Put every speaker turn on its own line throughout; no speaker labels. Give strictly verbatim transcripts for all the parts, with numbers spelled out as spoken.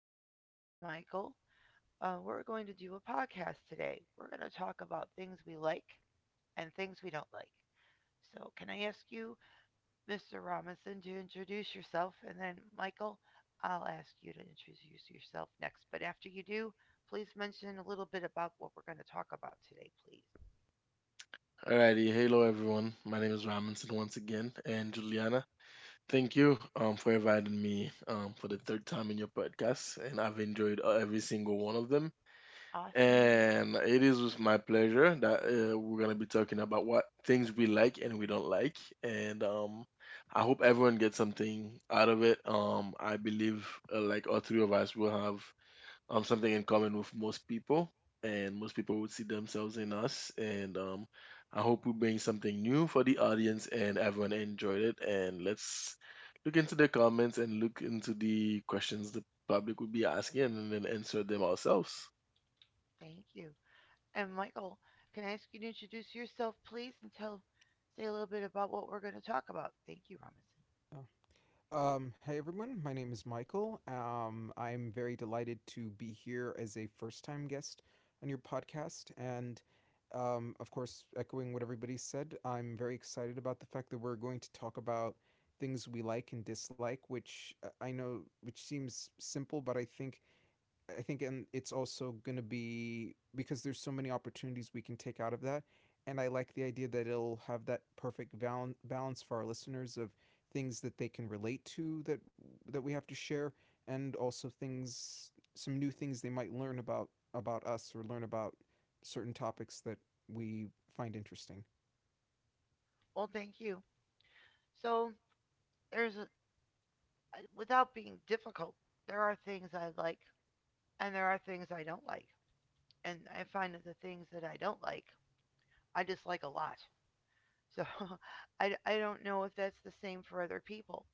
Ramison and Michael. Uh, we're going to do a podcast today. We're going to talk about things we like and things we don't like. So, can I ask you, mister Robinson, to introduce yourself, and then Michael, I'll ask you to introduce yourself next. But after you do, please mention a little bit about what we're going to talk about today, please.
Alrighty, hello everyone. My name is Robinson once again, and Juliana, thank you um, for inviting me um, for the third time in your podcast, and I've enjoyed uh, every single one of them.
Awesome.
And it is with my pleasure that uh, we're gonna be talking about what things we like and we don't like, and um, I hope everyone gets something out of it. Um, I believe uh, like all three of us will have um, something in common with most people, and most people would see themselves in us. And um, I hope we bring something new for the audience, and everyone enjoyed it. And let's look into the comments and look into the questions the public would be asking, and then answer them ourselves.
Thank you. And Michael, can I ask you to introduce yourself, please, and tell say a little bit about what we're going to talk about? Thank you, Robinson.
Oh. Um, hey everyone, my name is Michael. Um, I'm very delighted to be here as a first time guest on your podcast. And um, Of course, echoing what everybody said, I'm very excited about the fact that we're going to talk about things we like and dislike, which uh, I know, which seems simple, but I think I think, and it's also going to be because there's so many opportunities we can take out of that. And I like the idea that it'll have that perfect val- balance for our listeners of things that they can relate to that that we have to share, and also things, some new things they might learn about about us or learn about certain topics that we find interesting.
Well, thank you. So there's a without being difficult, there are things I like and there are things I don't like, and I find that the things that I don't like, I dislike a lot. So I I d- I don't know if that's the same for other people.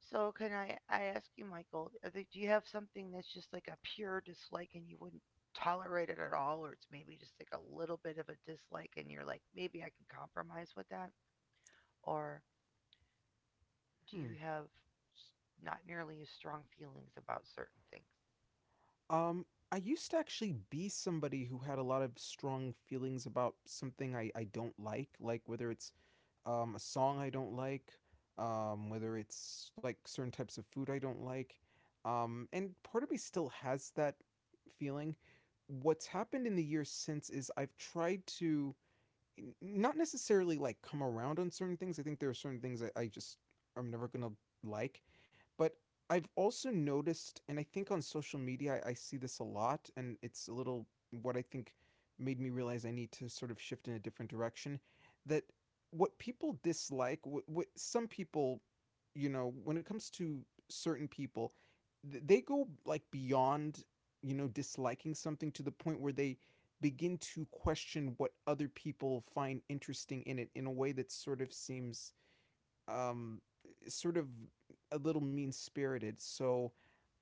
So can I I ask you, Michael, are there, do you have something that's just like a pure dislike and you wouldn't tolerate it at all, or it's maybe just like a little bit of a dislike and you're like, maybe I can compromise with that? Or do
Hmm.
you have s- not nearly as strong feelings about certain things?
Um, I used to actually be somebody who had a lot of strong feelings about something I, I don't like, like whether it's um, a song I don't like, um, whether it's like certain types of food I don't like. Um, and part of me still has that feeling. What's happened in the years since is I've tried to not necessarily like come around on certain things. I think there are certain things that I just I'm never gonna like. But I've also noticed, and I think on social media I, I see this a lot, and it's a little what I think made me realize I need to sort of shift in a different direction. That what people dislike, what, what some people, you know, when it comes to certain people, th- they go like beyond, you know, disliking something to the point where they begin to question what other people find interesting in it in a way that sort of seems um, sort of a little mean spirited. So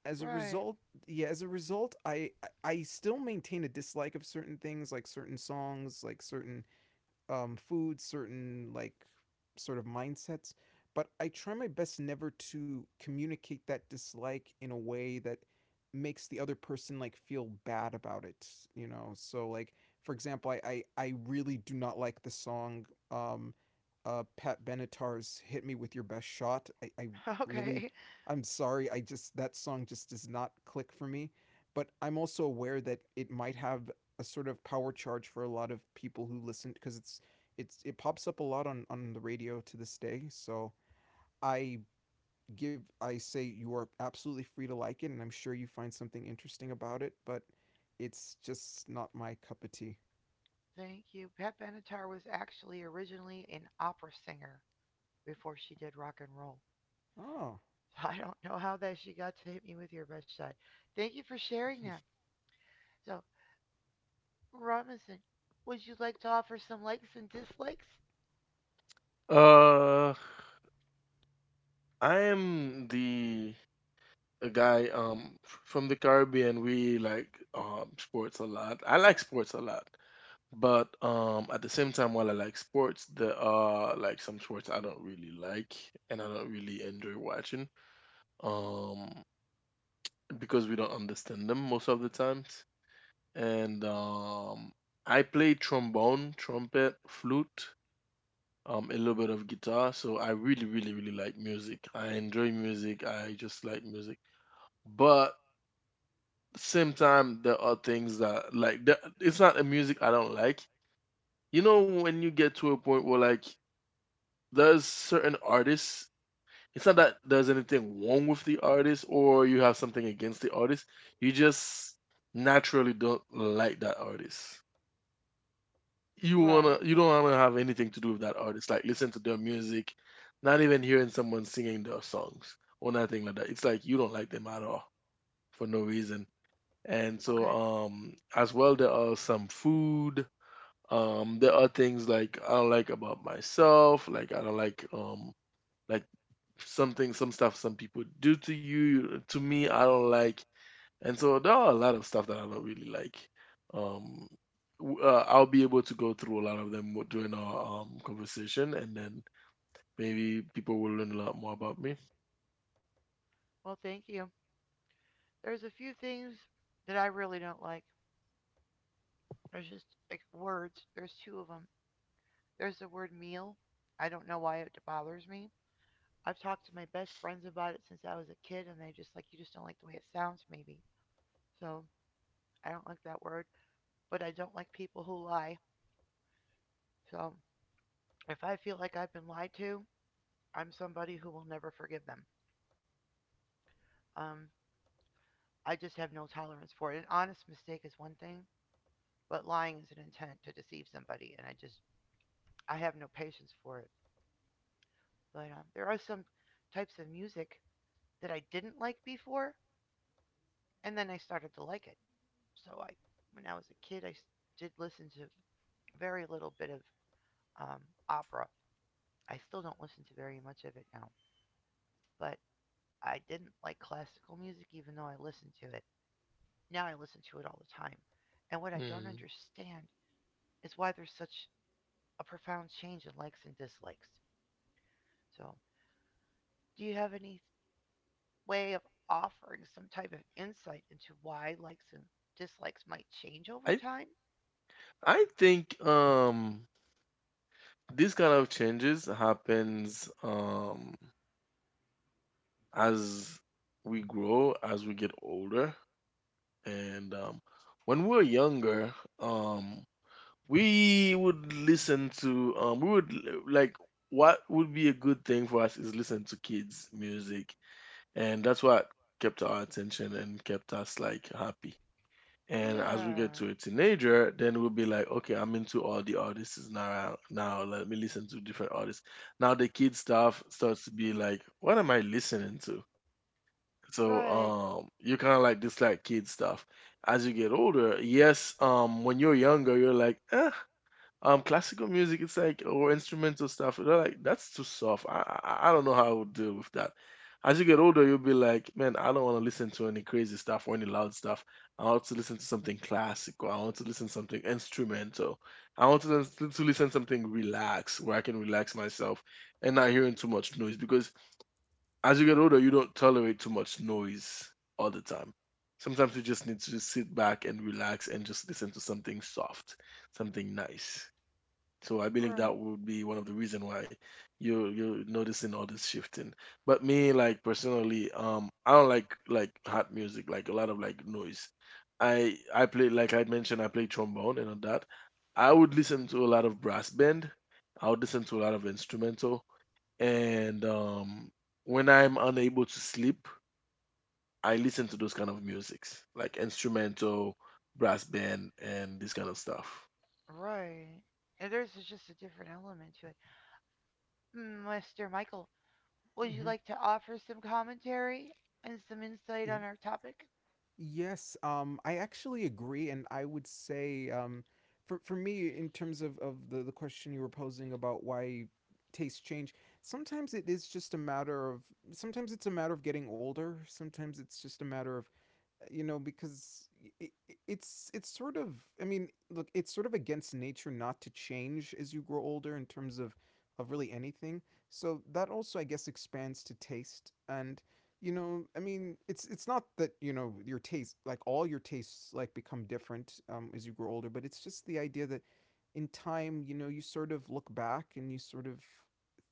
as a
Right.
result, yeah, as a result, I I still maintain a dislike of certain things, like certain songs, like certain um, foods, certain like sort of mindsets. But I try my best never to communicate that dislike in a way that makes the other person like feel bad about it. You know, so like for example, I I, I really do not like the song um, uh, Pat Benatar's "Hit Me with Your Best Shot." I, I really
Okay.
I'm sorry, I just that song just does not click for me. But I'm also aware that it might have a sort of power charge for a lot of people who listen because it's it's it pops up a lot on on the radio to this day. So I give I say you are absolutely free to like it, and I'm sure you find something interesting about it, but it's just not my cup of tea.
Thank you. Pat Benatar was actually originally an opera singer before she did rock and roll.
Oh,
I don't know how that she got to hit me with your best shot. Thank you for sharing that. So Robinson, would you like to offer some likes and dislikes?
Uh, I am the a guy um f- from the Caribbean. We like um sports a lot. I like sports a lot. But um, at the same time, while I like sports, there are like some sports I don't really like and I don't really enjoy watching. Um, because we don't understand them most of the times. And um, I play trombone, trumpet, flute, um, a little bit of guitar. So I really, really, really like music. I enjoy music. I just like music. But same time, there are things that like that, it's not a music I don't like. You know when you get to a point where like there's certain artists, it's not that there's anything wrong with the artist or you have something against the artist. You just naturally don't like that artist. You
Right.
wanna you don't wanna have anything to do with that artist. Like listen to their music, not even hearing someone singing their songs or nothing like that. It's like you don't like them at all for no reason. And so
Okay.
um as well, there are some food. Um there are things like I don't like about myself, like I don't like um like something, some stuff some people do to you, to me, I don't like. And so there are a lot of stuff that I don't really like. um w- uh, I'll be able to go through a lot of them during our um conversation, and then maybe people will learn a lot more about me.
Well, thank you. There's a few things that I really don't like. There's just like words. There's two of them. There's the word meal. I don't know why it bothers me. I've talked to my best friends about it since I was a kid, and they just like, you just don't like the way it sounds, maybe. So I don't like that word, but I don't like people who lie. So if I feel like I've been lied to, I'm somebody who will never forgive them. Um, I just have no tolerance for it. An honest mistake is one thing, but lying is an intent to deceive somebody, and I just I have no patience for it. But um, there are some types of music that I didn't like before, and then I started to like it. So I, when I was a kid, I did listen to very little bit of um, opera. I still don't listen to very much of it now, but I didn't like classical music even though I listened to it. Now I listen to it all the time. And what I don't
Hmm.
understand is why there's such a profound change in likes and dislikes. So, do you have any way of offering some type of insight into why likes and dislikes might change over
i
time?
i think um these kind of changes happens um as we grow, as we get older. And um when we're younger, um we would listen to, um we would l- like what would be a good thing for us is listen to kids music, and that's what kept our attention and kept us like happy. And as we
Yeah,
get to a teenager, then we'll be like, okay, I'm into all the artists now. Now let me listen to different artists. Now the kid stuff starts to be like, what am I listening to? So
right,
um you kind of like dislike kid stuff as you get older. Yes, um when you're younger, you're like, eh, um, classical music, it's like or instrumental stuff. They're like, that's too soft. I, I I don't know how I would deal with that. As you get older, you'll be like, man, I don't want to listen to any crazy stuff or any loud stuff. I want to listen to something classical. I want to listen to something instrumental. I want to listen to listen to something relaxed where I can relax myself and not hearing too much noise. Because as you get older, you don't tolerate too much noise all the time. Sometimes you just need to just sit back and relax and just listen to something soft, something nice. So I believe
right,
that would be one of the reason why you you're noticing all this shifting. But me, like personally, um, I don't like like hot music, like a lot of like noise. I I play, like I mentioned, I play trombone and all that. I would listen to a lot of brass band. I would listen to a lot of instrumental, and um, when I'm unable to sleep, I listen to those kind of musics, like instrumental, brass band, and this kind of stuff.
right. And there's just a different element to it. Mm, mister Michael, would you
mm-hmm.
like to offer some commentary and some insight
Yeah.
on our topic?
Yes, um, I actually agree, and I would say, um, for for me, in terms of of the the question you were posing about why tastes change, sometimes it is just a matter of sometimes it's a matter of getting older. Sometimes it's just a matter of you know because it, it's it's sort of I mean look it's sort of against nature not to change as you grow older in terms of of really anything so that also I guess expands to taste and you know I mean it's it's not that you know your taste like all your tastes like become different um, as you grow older but it's just the idea that in time you know you sort of look back and you sort of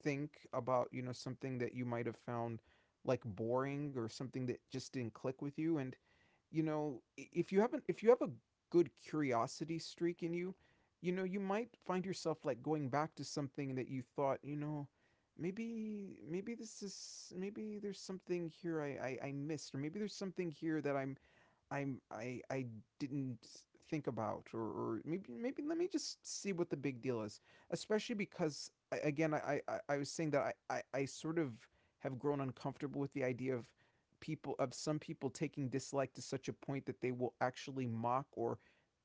think about you know something that you might have found like boring or something that just didn't click with you and you know, if you haven't if you have a good curiosity streak in you, you know, you might find yourself like going back to something that you thought, you know, maybe maybe this is maybe there's something here I I, I missed, or maybe there's something here that I'm I'm I I didn't think about, or, or maybe maybe let me just see what the big deal is. Especially because I, again, I, I I was saying that I, I I sort of have grown uncomfortable with the idea of people of some people taking dislike to such a point that they will actually mock or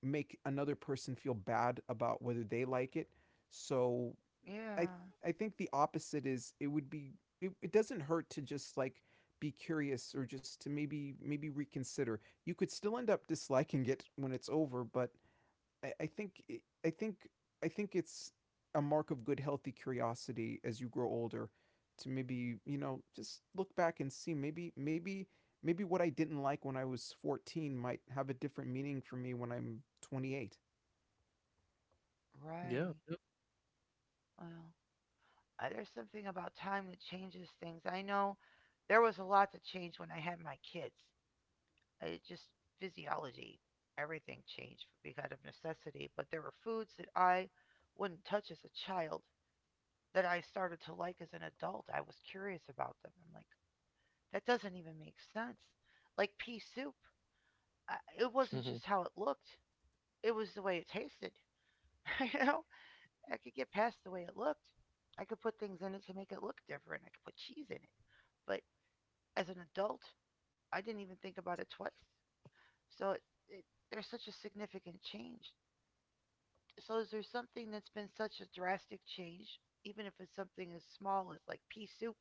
make another person feel bad about whether they like it. So I
Yeah,
I think the opposite is it would be it, it doesn't hurt to just like be curious or just to maybe maybe reconsider. You could still end up disliking it when it's over, but I, I think it- I think I think it's a mark of good healthy curiosity as you grow older to maybe you know just look back and see maybe maybe maybe what I didn't like when I was fourteen might have a different meaning for me when I'm twenty-eight.
Yeah.
right. Well, uh, there's something about time that changes things. I know there was a lot that changed when I had my kids. It just physiology, everything changed because of necessity. But there were foods that I wouldn't touch as a child that I started to like as an adult. I was curious about them. I'm like, that doesn't even make sense. Like pea soup, I- it wasn't
Yep.
just how it looked; it was the way it tasted. You know, I could get past the way it looked. I could put things in it to make it look different. I could put cheese in it. But as an adult, I didn't even think about it twice. So it, it, there's such a significant change, so is there something that's been such a drastic change, even if it's something as small as like pea soup?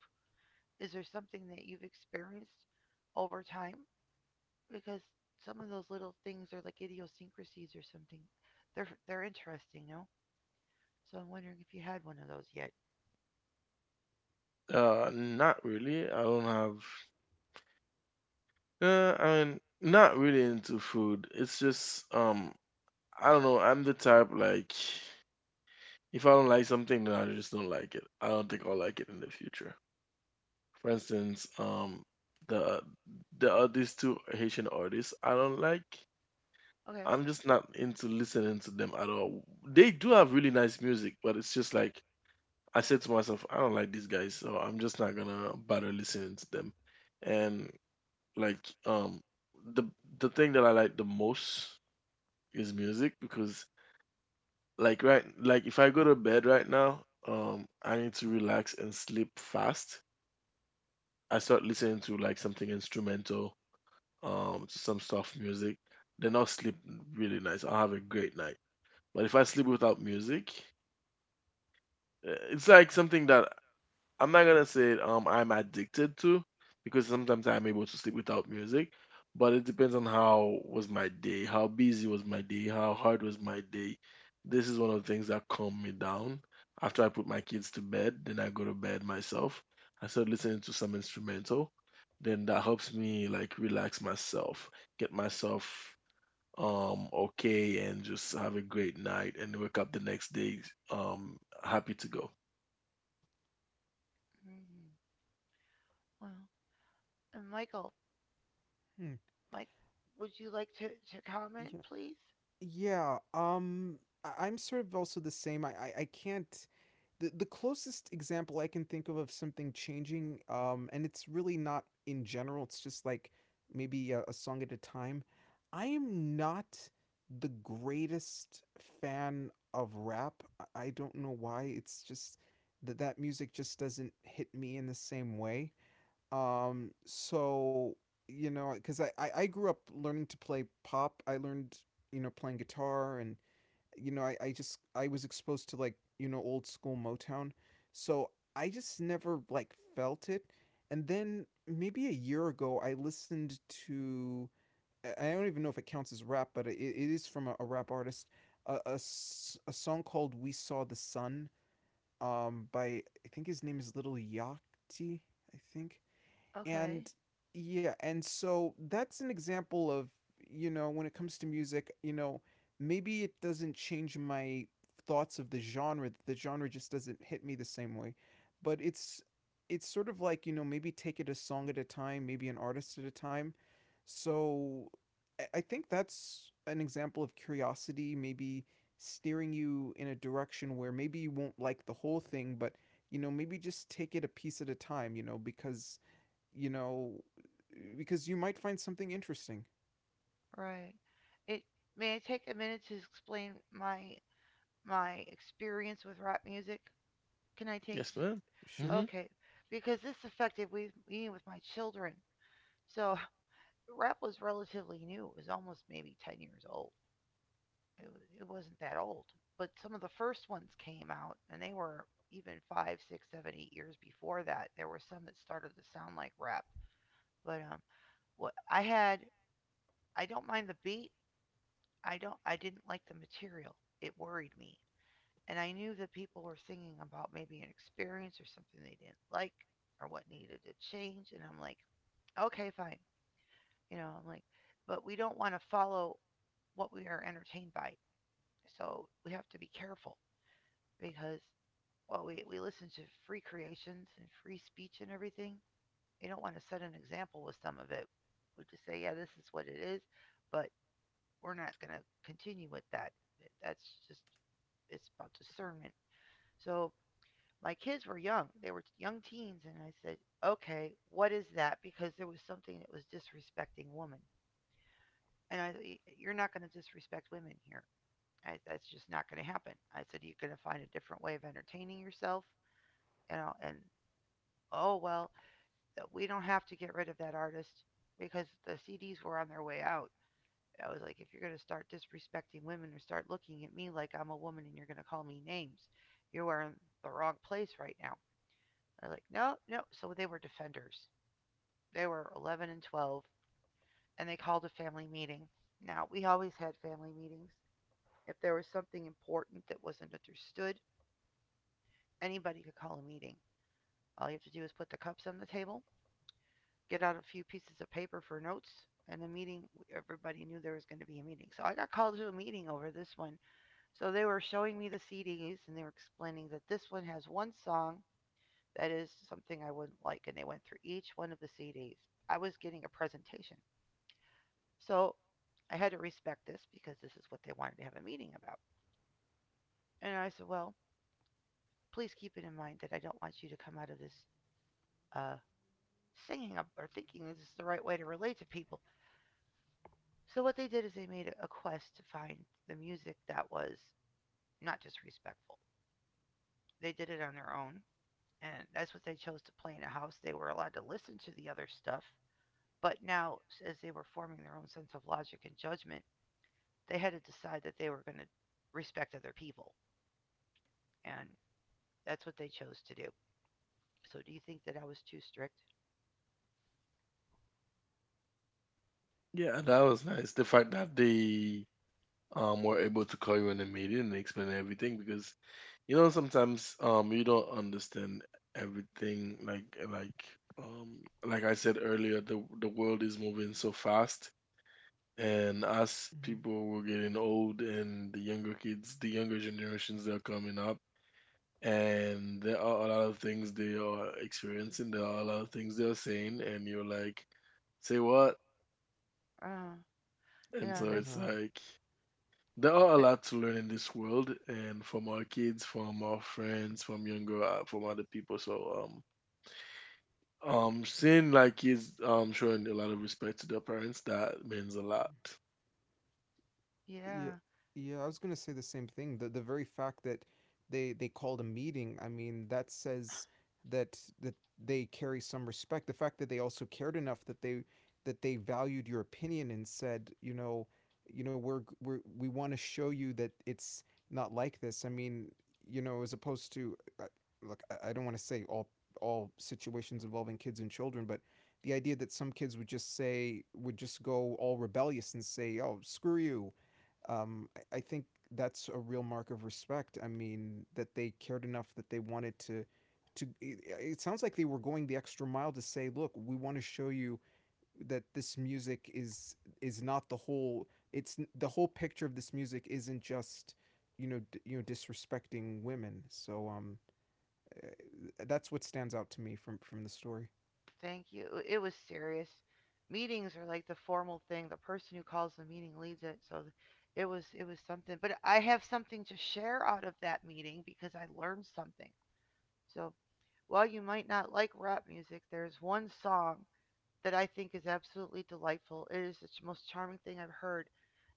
Is there something that you've experienced over time? Because some of those little things are like idiosyncrasies or something. They're they're interesting, no? So I'm wondering if you had one of those yet.
Uh, not really. I don't have. Uh, I mean, not really into food. It's just um, I don't know. I'm the type like if I don't like something, then I just don't like it. I don't think I'll like it in the future. For instance, um, the the uh, these two Haitian artists I don't like.
Okay.
I'm just not into listening to them at all. They do have really nice music, but it's just like I said to myself, I don't like these guys, so I'm just not gonna bother listening to them. And like um the the thing that I like the most is music. Because like right, like if I go to bed right now, um I need to relax and sleep fast. I start listening to like something instrumental, um some soft music. Then I'll sleep really nice. I'll have a great night. But if I sleep without music, eh, it's like something that I'm not gonna say um I'm addicted to, because sometimes I'm able to sleep without music, but it depends on how was my day, how busy was my day, how hard was my day. This is one of the things that calm me down. After I put my kids to bed, then I go to bed myself. I start listening to some instrumental. Then that helps me like relax myself, get myself um okay and just have a great night and wake up the next day um happy to go.
Hmm. Well, and Michael,
Hmm.
Mike, would you like to to comment,
Yeah,
please?
Yeah, um, I- I'm sort of also the same. I, I, I can't. The, the closest example I can think of of something changing, um, and it's really not in general, it's just like maybe a, a song at a time. I am not the greatest fan of rap. I I don't know why. It's just that that music just doesn't hit me in the same way. Um, so you know, because I, I I grew up learning to play pop. I learned you know playing guitar, and you know I I just I was exposed to like you know old school Motown, so I just never like felt it. And then maybe a year ago, I listened to I- don't even know if it counts as rap, but it, it is from a, a rap artist. a a a song called "We Saw the Sun" um, by I think his name is Little Yachty. I think
Okay.
and yeah and so that's an example of you know when it comes to music you know maybe it doesn't change my thoughts of the genre the genre just doesn't hit me the same way but it's it's sort of like you know maybe take it a song at a time maybe an artist at a time so I- I think that's an example of curiosity maybe steering you in a direction where maybe you won't like the whole thing but you know maybe just take it a piece at a time you know because you know, because you might find something interesting.
Right. It May I take a minute to explain my my experience with rap music? Can I take?
Yes,
J-
ma'am.
Sure.
Mhm.
Okay, because this affected we eating with my children. So the rap was relatively new. It was almost maybe ten years old. It, it wasn't that old, but some of the first ones came out, and they were even five, six, seven, eight years before that. There were some that started to sound like rap. But um, what I had, I don't mind the beat. I don't. I didn't like the material. It worried me, and I knew that people were singing about maybe an experience or something they didn't like or what needed to change. And I'm like, okay, fine. You know, I'm like, but we don't want to follow what we are entertained by. So we have to be careful because while we, we listen to free creations and free speech and everything, we don't want to set an example with some of it. We just say, yeah, this is what it is, but we're not going to continue with that. That's just, it's about discernment. So my kids were young. They were young teens. And I said, okay, what is that? Because there was something that was disrespecting women. And I said, you're not going to disrespect women here. I, that's just not going to happen. I said, you're going to find a different way of entertaining yourself. You know, and oh, well, uh, we don't have to get rid of that artist because the C Ds were on their way out. I was like, if you're going to start disrespecting women or start looking at me like I'm a woman and you're going to call me names, you are in the wrong place right now. They're like, no, no. So they were defenders. They were eleven and twelve, and they called a family meeting. Now, we always had family meetings. If there was something important that wasn't understood, anybody could call a meeting. All you have to do is put the cups on the table, get out a few pieces of paper for notes, and the meeting, everybody knew there was going to be a meeting. So I got called to a meeting over this one. So they were showing me the C Ds and they were explaining that this one has one song that is something I wouldn't like. And they went through each one of the C Ds. I was getting a presentation. So I had to respect this because this is what they wanted to have a meeting about. And I said, well, please keep it in mind that I don't want you to come out of this uh, singing or thinking this is the right way to relate to people. So what they did is they made a- a quest to find the music that was not just respectful. They did it on their own, and that's what they chose to play in a house. They were allowed to listen to the other stuff, but now, as they were forming their own sense of logic and judgment, they had to decide that they were going to respect other people. And that's what they chose to do. So, do you think that I was too strict?
Yeah, that was nice. The fact that they um were able to call you in a meeting and explain everything, because you know sometimes um you don't understand everything, like like um like I said earlier, the the world is moving so fast, and as
Hmm.
people were getting old and the younger kids, the younger generations, they're coming up, and there are a lot of things they are experiencing, there are a lot of things they're saying and you're like, say what?
Uh,
And
yeah,
so
there's.
it's
Yeah.
like there are a
Th-
lot to learn in this world, and from our kids, from our friends, from younger, uh, from other people. So, um, um, seeing like kids um showing a lot of respect to their parents, that means a lot.
Yeah,
yeah,
yeah, I was gonna say the same thing. The the very fact that they they called a meeting, I mean, that says that that they carry some respect. The fact that they also cared enough that they that they valued your opinion and said, you know, you know, we're g- we're we want to show you that it's not like this. I mean, you know, as opposed to uh, look, I I don't want to say all all situations involving kids and children, but the idea that some kids would just say would just go all rebellious and say, "Oh, screw you." um, I, I think that's a real mark of respect. I mean, that they cared enough that they wanted to to it, it sounds like they were going the extra mile to say, look, we want to show you that this music is is not the whole it's the whole picture of this music isn't just you know d- you know disrespecting women. So um uh, that's what stands out to me from from the story.
thank you. It was serious. Meetings are like the formal thing. The person who calls the meeting leads it. So, it was it was something. But I have something to share out of that meeting because I learned something. So, while you might not like rap music, there's one song that I think is absolutely delightful. It is the most charming thing I've heard.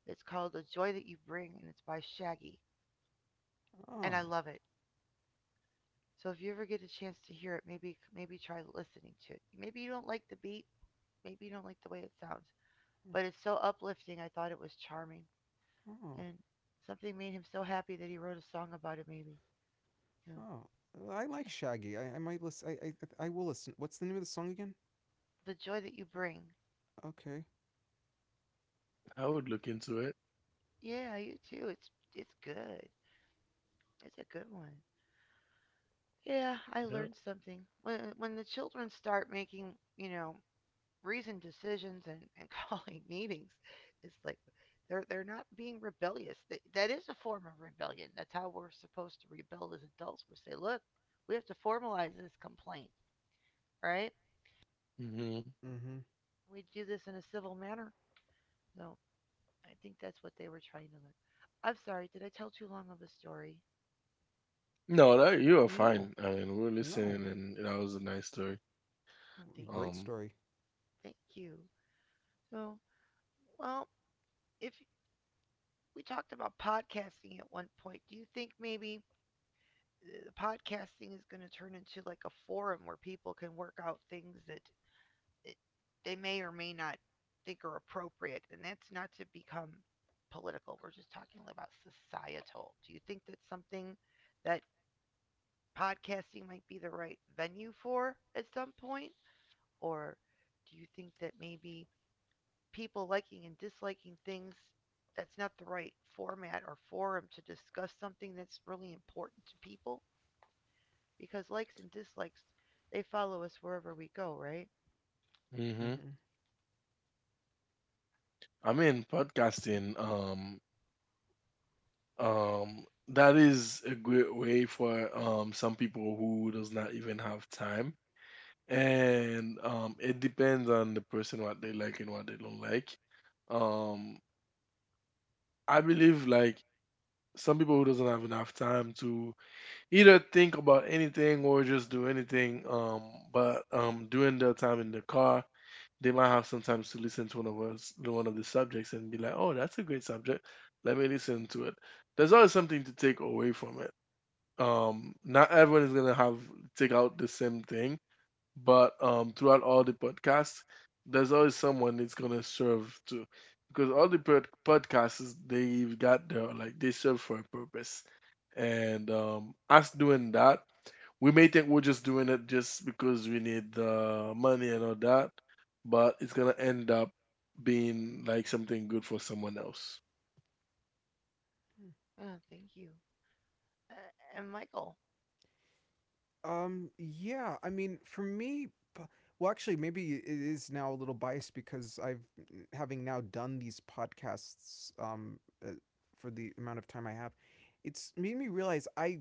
It's called The Joy That You Bring, and it's by Shaggy, and I
Oh.
love it. So if you ever get a chance to hear it, maybe maybe try listening to it. Maybe you don't like the beat, maybe you don't like the way it sounds, but it's so uplifting. I thought it was charming,
Oh.
and something made him so happy that he wrote a song about it. Maybe, you know,
Oh. I like
yeah.
Shaggy. I, I might listen. I, I I will listen. What's the name of the song again?
The Joy That You Bring.
Okay.
I would look into it.
Yeah, you too. It's it's good. It's a good one. Yeah, I learned
Yeah.
something. When uh, when the children start making, you know, reasoned decisions and, and calling meetings, it's like they're they're not being rebellious. That, that is a form of rebellion. That's how we're supposed to rebel as adults. We say, look, we have to formalize this complaint, right?
Hmm.
Mm-hmm.
We do this in a civil manner. So I think that's what they were trying to learn. I'm sorry, did I tell too long of a story?
No, that you are
No,
fine. I mean, we we're
no,
listening, and that was a nice story.
Oh, thank
Um,
great
you.
story.
Thank you. So, well, if we talked about podcasting at one point. Do you think maybe eh, the podcasting is going to turn into like a forum where people can work out things that it, they may or may not think are appropriate? And that's not to become political. We're just talking like about societal. Do you think that's something that podcasting might be the right venue for at some point? Or do you think that maybe people liking and disliking things. That's not the right format or forum to discuss something that's really important to people because likes and dislikes, they follow us wherever we go, right?
hmm.
Hmm.
I mean, podcasting. Um, um, that is a great way for um some people who does not even have time, and um, it depends on the person what they like and what they don't like. Um, I believe like some people who doesn't have enough time to either think about anything or just do anything. Um, but um, during their time in the car, they might have sometimes to listen to one of us, one of the subjects, and be like, "Oh, that's a great subject. Let me listen to it." There's always something to take away from it. Um, not everyone is gonna have take out the same thing, but um, throughout all the podcasts, there's always someone that's gonna serve to, because all the pod- podcasts is, they've got their like they serve for a purpose, and um, us doing that, we may think we're just doing it just because we need the money and all that, but it's gonna end up being like something good for someone else.
Oh, thank you. Uh, and Michael.
Um, yeah, I mean, for me, po- well, actually, maybe it is now a little biased because I've having now done these podcasts um uh, for the amount of time I have. It's made me realize I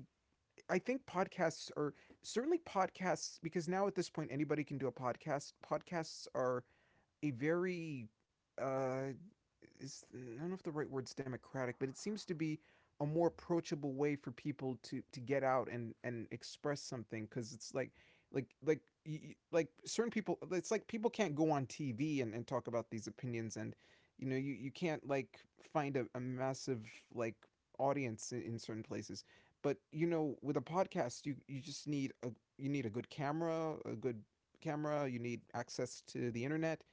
I think podcasts are certainly podcasts because now at this point anybody can do a podcast. Podcasts are a very uh, it's, I don't know if the right word's democratic, but it seems to be a more approachable way for people to to get out and and express something because it's like like like like certain people it's like people can't go on tv and, and talk about these opinions and you know you, you can't like find a, a massive like audience in, in certain places but you know with a podcast you you just need a you need a good camera a good camera you need access to the internet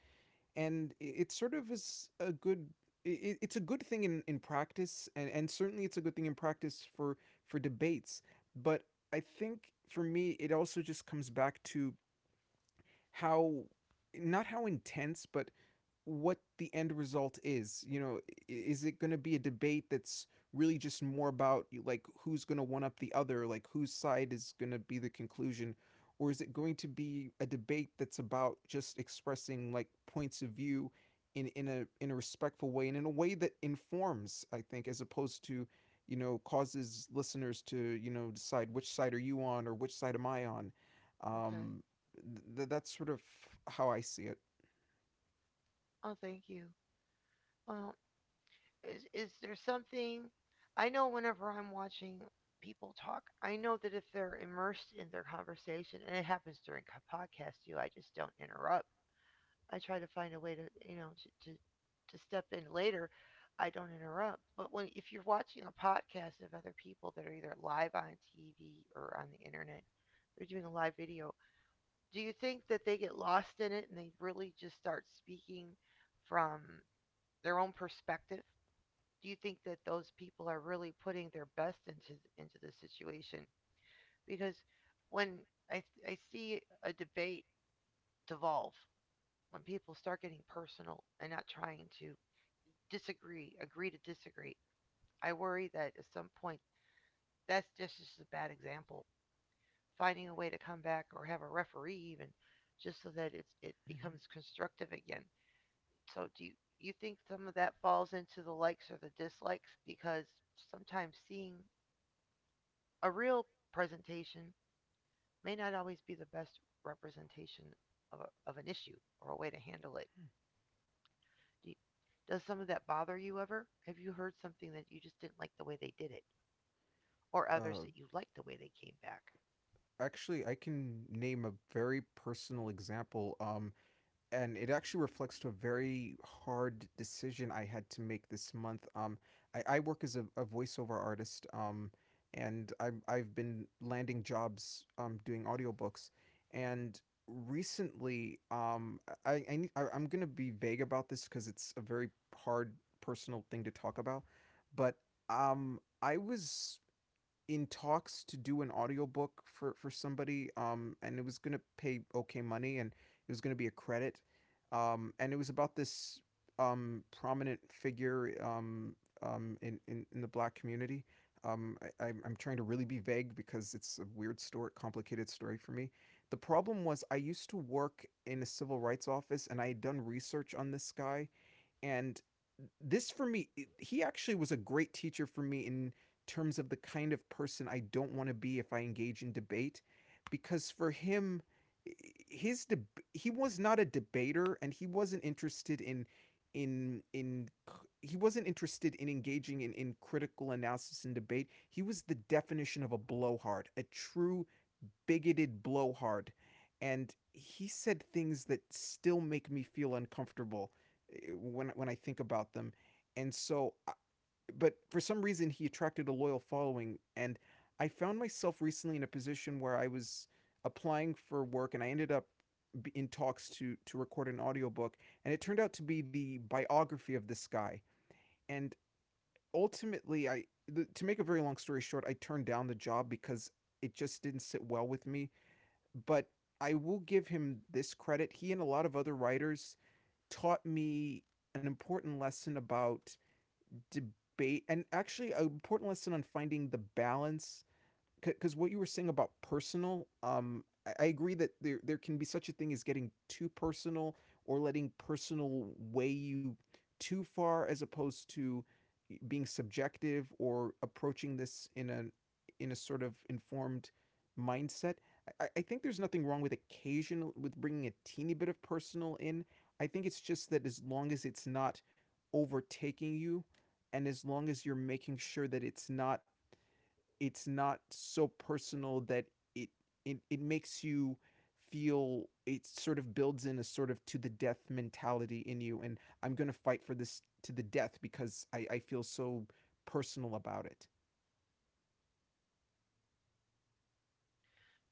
and it, sort of is a good it, it's a good thing in, in practice and, and certainly it's a good thing in practice for for debates but I think for me it also just comes back to how not how intense but what the end result is. You know, is it going to be a debate that's really just more about like who's going to one up the other, like whose side is going to be the conclusion, or is it going to be a debate that's about just expressing like points of view in in a in a respectful way and in a way that informs, I think, as opposed to you know causes listeners to you know decide which side are you on or which side am I on.
Okay.
Um, th- that's sort of how I see it.
Oh, thank you. Well, is, is there something? I know whenever I'm watching people talk, I know that if they're immersed in their conversation, and it happens during co- podcasts too, I just don't interrupt. I try to find a way to you know to to, to step in later. I don't interrupt. But when if you're watching a podcast of other people that are either live on T V or on the internet, they're doing a live video. Do you think that they get lost in it and they really just start speaking from their own perspective? Do you think that those people are really putting their best into into the situation? Because when I I see a debate devolve when people start getting personal and not trying to disagree, agree to disagree, I worry that at some point that's just, just a bad example. Finding a way to come back or have a referee even, just so that it's, it becomes
Mm-hmm.
constructive again. So do you, you think some of that falls into the likes or the dislikes? Because sometimes seeing a real presentation may not always be the best representation of, a, of an issue or a way to handle it. Do you, does some of that bother you ever? Have you heard something that you just didn't like the way they did it, or others
Uh,
that you liked the way they came back?
Actually I can name a very personal example um and it actually reflects to a very hard decision I had to make this month. Um I, I work as a, a voiceover artist um and I'm I've been landing jobs um doing audiobooks and recently um I, I, need, I I'm gonna be vague about this because it's a very hard personal thing to talk about but um I was in talks to do an audiobook for for somebody um and it was going to pay okay money, and it was going to be a credit, um and it was about this um prominent figure, um um in in, in the black community. um I, I'm, I'm trying to really be vague because it's a weird story, complicated story for me. The problem was I used to work in a civil rights office and I had done research on this guy, and this for me, he actually was a great teacher for me in terms of the kind of person I don't want to be if I engage in debate, because for him, his deb he was not a debater and he wasn't interested in in in he wasn't interested in engaging in, in critical analysis and debate. He was the definition of a blowhard, a true bigoted blowhard, and he said things that still make me feel uncomfortable eh, when when I think about them. And so, uh, but for some reason, he attracted a loyal following, and I found myself recently in a position where I was applying for work, and I ended up in talks to to record an audiobook, and it turned out to be the biography of this guy. And ultimately I to make a very long story short, I turned down the job because it just didn't sit well with me. But I will give him this credit. He and a lot of other writers taught me an important lesson about debate, and actually an important lesson on finding the balance, because what you were saying about personal, um, I agree that there there can be such a thing as getting too personal, or letting personal weigh you too far, as opposed to being subjective or approaching this in a in a sort of informed mindset. I, I think there's nothing wrong with occasional with bringing a teeny bit of personal in. I think it's just that as long as it's not overtaking you, and as long as you're making sure that it's not it's not so personal that it it, it makes you feel it sort of builds in a sort of to the death mentality in you, and I'm going to fight for this to the death because i, I feel so personal about it.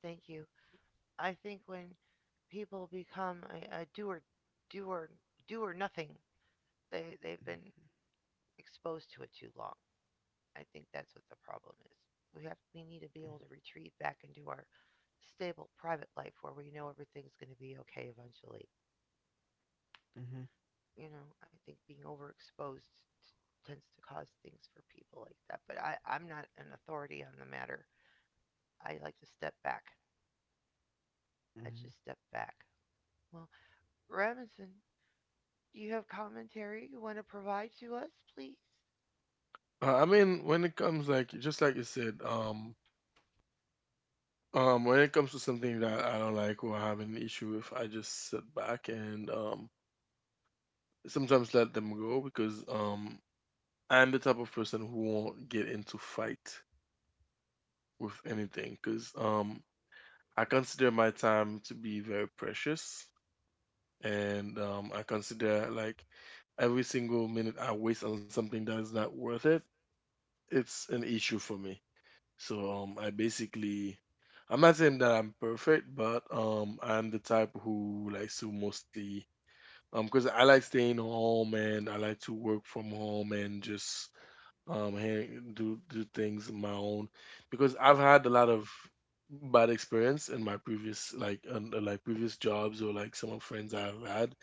Thank you. I think when people become a, a doer, doer, doer nothing, they they've been exposed to it too long. I think that's what the problem is. We have we need to be able to retreat back into our stable private life where we know everything's going to be okay eventually.
Mm-hmm.
You know, I think being overexposed t- tends to cause things for people like that. But I, I'm not an authority on the matter. I like to step back. I
Mm-hmm.
just step back. Well, Robinson, do you have commentary you want to provide to us, please?
Uh, I mean, when it comes like, just like you said, um, Um, when it comes to something that I don't like or have an issue with, I just sit back and um, sometimes let them go, because um, I'm the type of person who won't get into fight with anything, because um, I consider my time to be very precious, and um, I consider like every single minute I waste on something that is not worth it, it's an issue for me. So um, I basically, I'm not saying that I'm perfect, but um, I'm the type who likes to mostly, um, because I like staying home and I like to work from home and just um, hang, do do things on my own, because I've had a lot of bad experience in my previous like un, uh, like previous jobs or like some of friends I've had.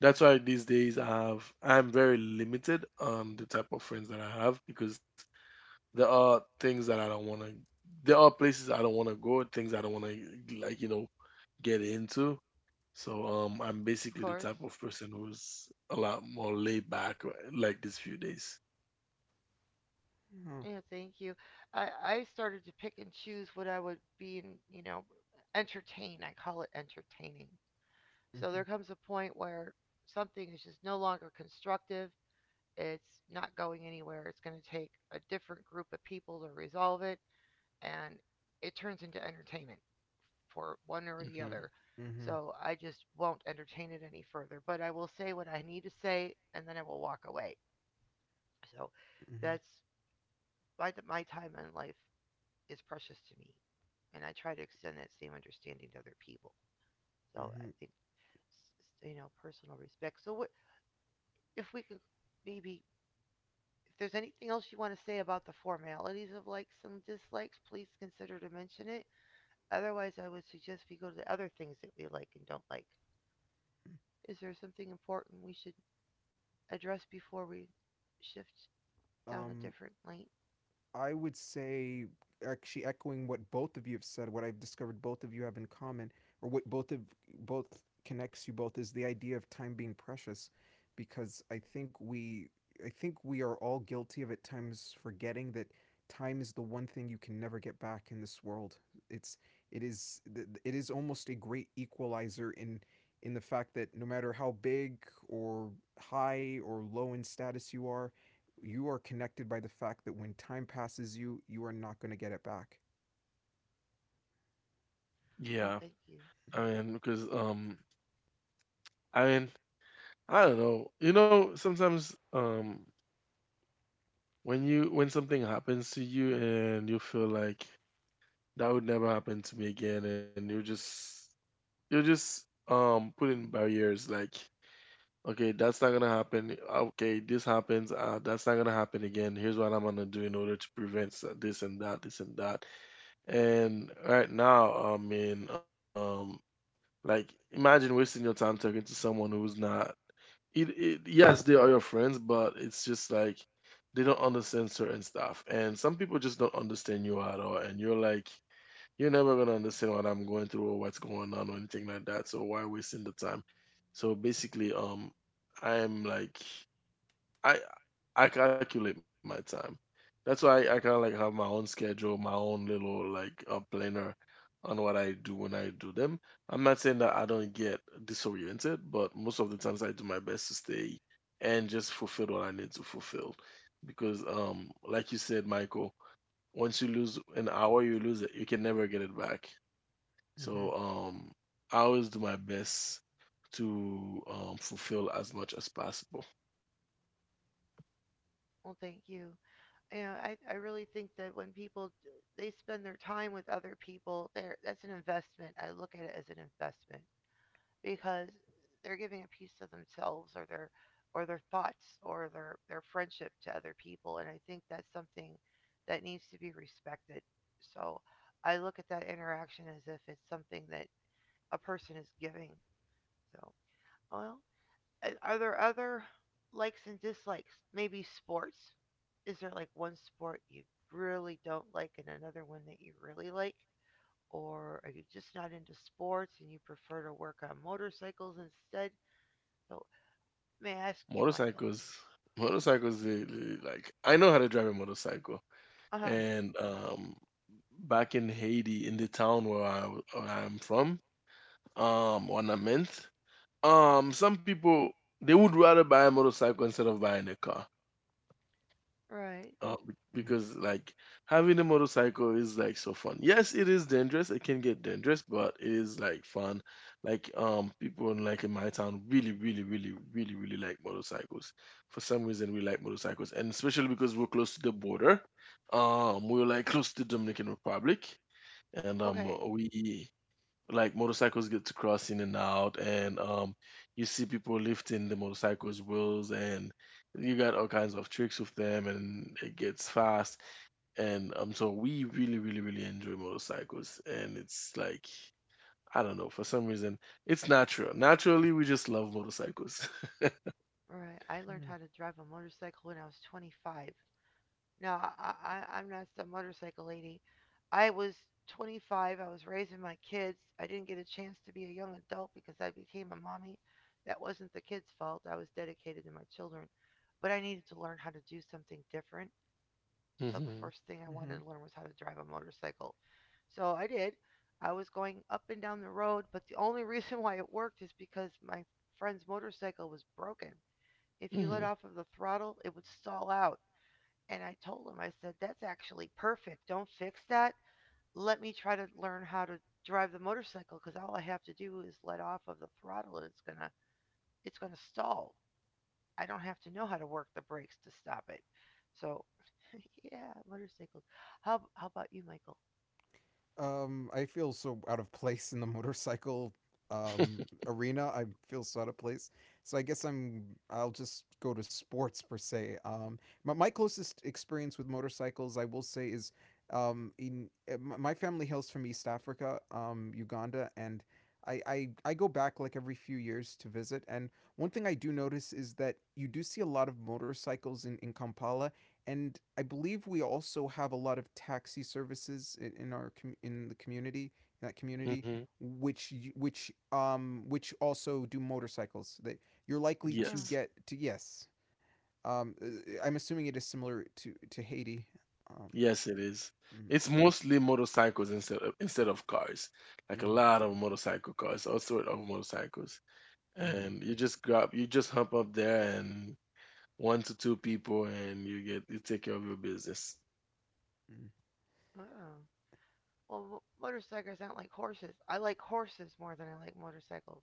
That's why these days I have I'm very limited on the type of friends that I have, because there are things that I don't want to. There are places I don't want to go. Things I don't want to like you know get into. So um, I'm
Of
basically the
course.
type of person who's a lot more laid back uh, like these few days.
Mm-hmm. Oh,
Yeah, thank you. I, I started to pick and choose what I would be in, you know, entertain. I call it entertaining. So
mm-hmm,
there comes a point where something is just no longer constructive. It's not going anywhere. It's going to take a different group of people to resolve it, and it turns into entertainment for one or the other.
Hmm.
mm-hmm,
So I just won't entertain it any further. But I will say what I need to say, and then I will walk away. So
mm-hmm,
that's my my time in life is precious to me, and I try to extend that same understanding to other people. So I
mm-hmm.
think you know personal respect. So what if we can maybe. If there's anything else you want to say about the formalities of likes and dislikes, please consider to mention it. Otherwise, I would suggest we go to the other things that we like and don't like. Is there something important we should address before we shift down a
um
different lane?
I would say, actually echoing what both of you have said, what I've discovered both of you have in common, or what both of both connects you both, is the idea of time being precious, because I think we I think we are all guilty of at times forgetting that time is the one thing you can never get back in this world. It's it is it is almost a great equalizer in in the fact that no matter how big or high or low in status you are, you are connected by the fact that when time passes you, you are not going to get it back.
Oh,
Yeah,
thank you.
I mean because um, I mean I don't know. You know, sometimes um, when you when something happens to you and you feel like that would never happen to me again, and you just you're just um putting barriers like okay, that's not gonna happen. Okay, this happens. Uh, that's not gonna happen again. Here's what I'm gonna do in order to prevent s- this and that, this and that. And right now, I mean, um, like imagine wasting your time talking to someone who's not. It, it, yes, they are your friends, but it's just like they don't understand certain stuff, and some people just don't understand you at all. And you're like, you're never gonna understand what I'm going through or what's going on or anything like that. So why wasting the time? So basically, um, I am like I I calculate my time. That's why I, I kind of like have my own schedule, my own little like a planner on what I do when I do them. I'm not saying that I don't get disoriented, but most of the times I do my best to stay and just fulfill what I need to fulfill. Because um, like you said, Michael, once you lose an hour, you lose it. You can never get it back.
Mm-hmm.
So um, I always do my best to um, fulfill as much as possible.
Well, thank you. You know, I, I really think that when people they spend their time with other people, there that's an investment. I look at it as an investment. Because they're giving a piece of themselves or their or their thoughts or their their friendship to other people, and I think that's something that needs to be respected. So I look at that interaction as if it's something that a person is giving. So, well, are there other likes and dislikes? Maybe sports. Is there like one sport you really don't like and another one that you really like? Or are you just not into sports and you prefer to work on motorcycles instead? So, may I ask you, Michael?
Motorcycles, motorcycles, they, they- like I know how to drive a motorcycle,
Uh huh.
and um, back in Haiti, in the town where I where I'm from, um, Ornament, um, some people they would rather buy a motorcycle instead of buying a car.
Right.
Uh, be-
Mm-hmm.
because like having a motorcycle is like so fun. Yes, it is dangerous. It can get dangerous, but it is like fun. Like um, people in, like in my town really, really, really, really, really like motorcycles. For some reason, we like motorcycles, and especially because we're close to the border. Um, we're like close to Dominican Republic, and um,
Okay.
we like motorcycles get to cross in and out and um you see people lifting the motorcycles wheels and you got all kinds of tricks with them and it gets fast and um so we really really really enjoy motorcycles and it's like I don't know for some reason it's natural naturally we just love motorcycles.
Right. I learned how to drive a motorcycle when I was twenty-five. Now I, I- I'm not some motorcycle lady. I was twenty-five. I was raising my kids. I didn't get a chance to be a young adult because I became a mommy. That wasn't the kids' fault. I was dedicated to my children. But I needed to learn how to do something different. So the
hmm
first thing I
Mm-hmm.
wanted to learn was how to drive a motorcycle. So I did. I was going up and down the road, but the only reason why it worked is because my friend's motorcycle was broken. If you let
hmm
off of the throttle, it would stall out. And I told him, I said, that's actually perfect. Don't fix that. Let me try to learn how to drive the motorcycle because all I have to do is let off of the throttle and it's gonna it's gonna stall. I don't have to know how to work the brakes to stop it. So, yeah, motorcycles. How how about you, Michael?
Um, I feel so out of place in the motorcycle um, arena. I feel so out of place. So I guess I'm. I'll just go to sports per se. Um, my, my closest experience with motorcycles, I will say, is um, in uh, m- my family hails from East Africa, um, Uganda, and I, I I go back like every few years to visit. And one thing I do notice is that you do see a lot of motorcycles in in Kampala, and I believe we also have a lot of taxi services in, in our com- in the community in that community,
hmm
which which um which also do motorcycles, that you're likely
Uh,
to
Yes.
get to. Yes, um uh, I'm assuming it is similar to to Haiti. um
Yes, it is.
mm,
It's mostly motorcycles instead of, instead of cars. Like a
mhm.
lot of motorcycle cars, all sort of motorcycles.
Mhm.
And you just grab you just hop up there and one to two people and you get you take care of your business.
Mm.
uh. Well, motorcycles aren't like horses. I like horses more than I like motorcycles.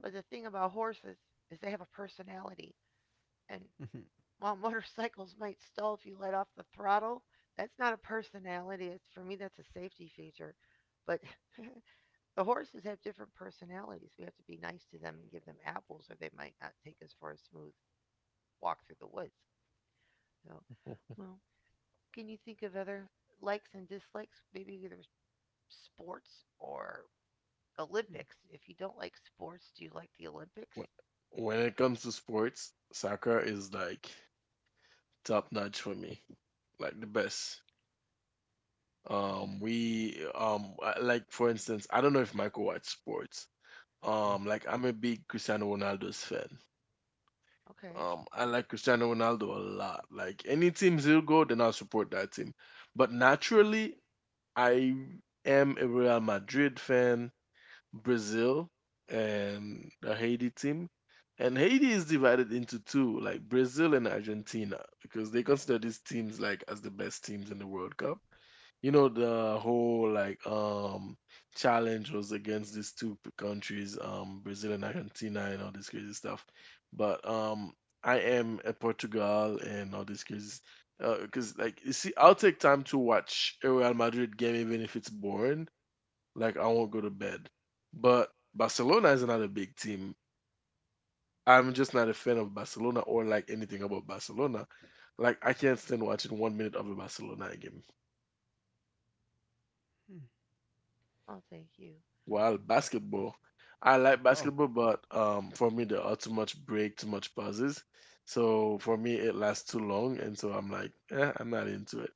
But the thing about horses is they have a personality, and
Mhm,
while motorcycles might stall if you let off the throttle, that's not a personality. It's for me that's a safety feature. But the horses have different personalities. We have to be nice to them and give them apples, or they might not take us for a smooth walk through the woods. So, well, can you think of other likes and dislikes? Maybe there's sports or
mhm,
Olympics. If you don't like sports, do you like the Olympics?
Wh- when it comes to sports, soccer is like top notch for me, like the best.
Yeah.
Um we um I- like for instance, I don't know if Michael watch sports.
mhm,
Um like I'm a big Cristiano Ronaldo's fan.
Okay.
um I like Cristiano Ronaldo a lot. Like any teams he'll go, then I'll support that team. But naturally I am a Real Madrid fan, Brazil, and the Haiti team. And Haiti is divided into two, like Brazil and Argentina, because they consider these teams like as the best teams in the World Cup. You know, the whole like um challenge was against these two p- countries, um Brazil and Argentina and all this crazy stuff. But um I am a Portugal and all this crazy because like you see I'll take time to watch a Real Madrid game even if it's boring. Like I won't go to bed. But Barcelona is not a big team. I'm just not a fan of Barcelona or like anything about Barcelona. Like I can't stand watching one minute of a Barcelona game.
mhm.
Oh, thank you.
Well, basketball. I like
Oh.
basketball, but um, for me there are too much break, too much pauses. So for me it lasts too long, and so I'm like, eh, I'm not into it.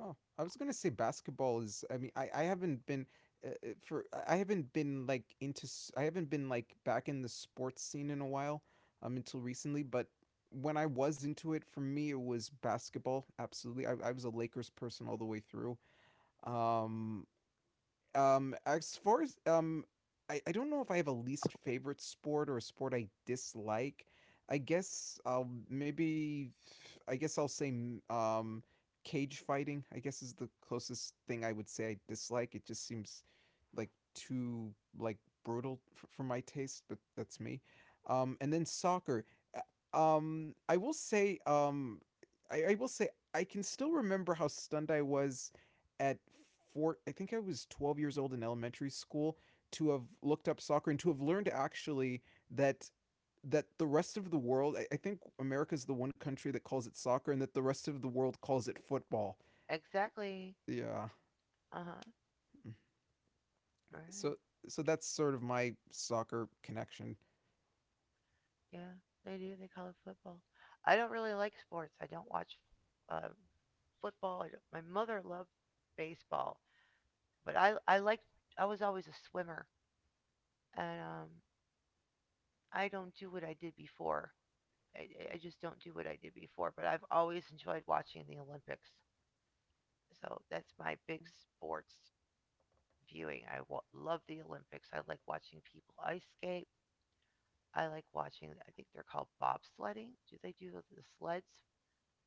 Oh, I was gonna say basketball is. I mean, I I haven't been uh, uh, for I haven't been like into. s- I haven't been like back in the sports scene in a while, um, until recently. But when I was into it, for me, it was basketball. Absolutely, I I was a Lakers person all the way through. Um, um, as far as um, I, I don't know if I have a least favorite sport or a sport I dislike. I guess I'll maybe I guess I'll say mm, um cage fighting. I guess is the closest thing I would say I dislike. It just seems like too like brutal for, for my taste, but that's me. Um, and then soccer. Uh, Um, I will say um, I, I will say I can still remember how stunned I was at four, I think I was twelve years old in elementary school, to have looked up soccer and to have learned actually that that the rest of the world I, I think America's the one country that calls it soccer, and that the rest of the world calls it football.
Exactly.
Yeah.
Uh huh.
So
Right.
so that's sort of my soccer connection.
Yeah. They do. They call it football. I don't really like sports. I don't watch uh, football. I don't, my mother loved baseball, but I I liked. I was always a swimmer, and um, I don't do what I did before. I, I just don't do what I did before, but I've always enjoyed watching the Olympics. So that's my big sports viewing. I w- love the Olympics. I like watching people ice skate. I like watching, I think they're called bobsledding. Do they do the sleds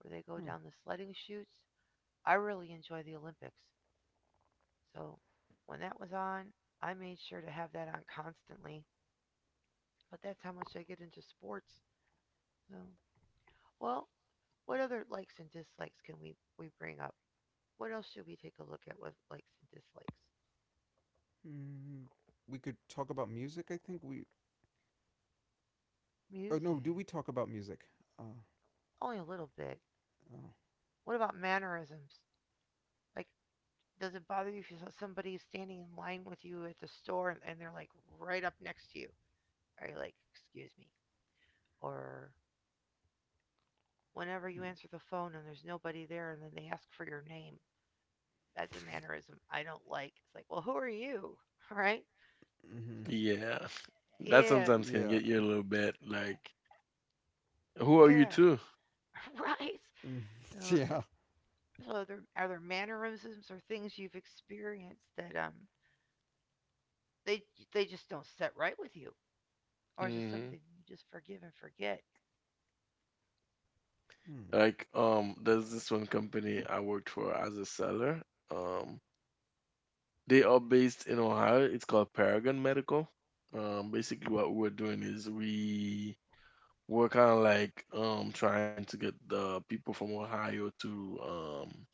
where they go
Huh.
down the sledding chutes? I really enjoy the Olympics. So when that was on, I made sure to have that on constantly. But that's how much I get into sports. So, well, what other likes and dislikes can we, we bring up? What else should we take a look at with likes and dislikes?
Mm, we could talk about music, I think. We. Oh no,
Music.
do we talk about music? Uh,
Only a little bit.
oh.
What about mannerisms? Like, does it bother you if you saw somebody standing in line with you at the store and, they're like right up next to you? Are you like, excuse me? Or whenever you
Hmm.
answer the phone and there's nobody there and then they ask for your name, that's a mannerism I don't like. It's like, well, who are you? Right?
Mm-hmm.
So,
Yeah, that
yeah,
sometimes can
Yeah.
get you a little bit like, who are you
yeah,
to?
right.
Mm,
So
yeah.
So are there, are there mannerisms or things you've experienced that um they they just don't set right with you, or is it
Hmm
something you just forgive and forget?
Mm-hmm.
Like, um, there's this one company I worked for as a seller. Um, they are based in Ohio. It's called Paragon Medical. Um, basically what we're doing is we We're kind of like um trying to get the people from Ohio to um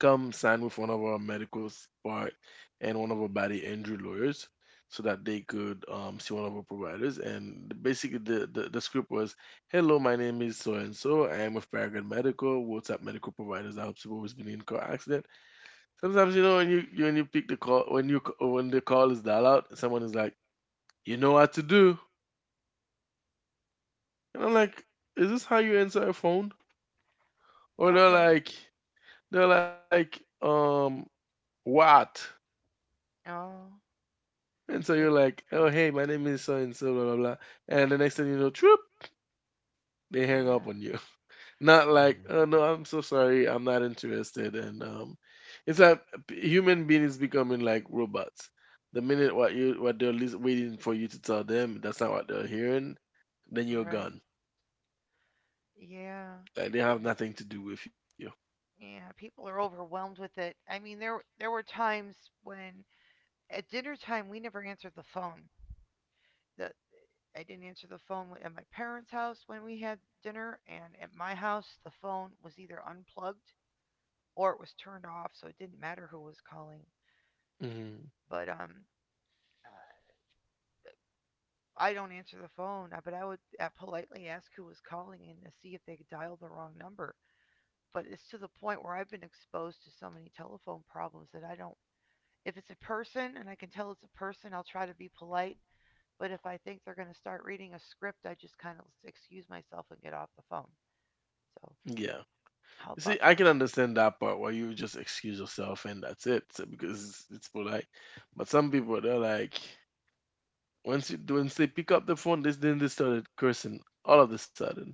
come sign with one of our medical part and one of our body injury lawyers so that they could um see one of our providers. And basically the the, the script was, "Hello, my name is so and so. I am with Paragon Medical. What's up, medical providers? I hope you've been in a car accident. Sometimes you know when you you- when you pick the call when you when the call is dial out, someone is like, you know what to do, and I'm like, is this how you answer a phone? Or they're
Okay.
like, they're like, um, what?
Oh,
And so you're
they
like, oh hey, my name is so and so, blah blah blah. And the next thing you know, troop, they hang up
yeah,
on you. Not like,
Mm-hmm.
oh no, I'm so sorry, I'm not interested. And um, it's like human being is becoming like robots. The minute what you what they're lis- waiting for you to tell them, that's not what they're hearing. Then you're
right,
gone.
yeah.
Like they have
It-
nothing to do with you.
yeah, people are overwhelmed with it. I mean there there were times when at dinner time we never answered the phone. The I didn't answer the phone at my parents' house when we had dinner, and at my house the phone was either unplugged or it was turned off, so it didn't matter who was calling.
Hmm
But um, I don't answer the phone, uh, but I would uh, politely ask who was calling in to see if they could dial the wrong number. But it's to the point where I've been exposed to so many telephone problems that I don't. If it's a person and I can tell it's a person, I'll try to be polite. But if I think they're going to start reading a script, I just kind of excuse myself and get off the phone. So,
Yeah.
how
You
about
see, I
you?
can understand that part where you just excuse yourself and that's it, so- because it's, it's polite. But some people they're like, once you once they pick up the phone, this then they started cursing all of a sudden,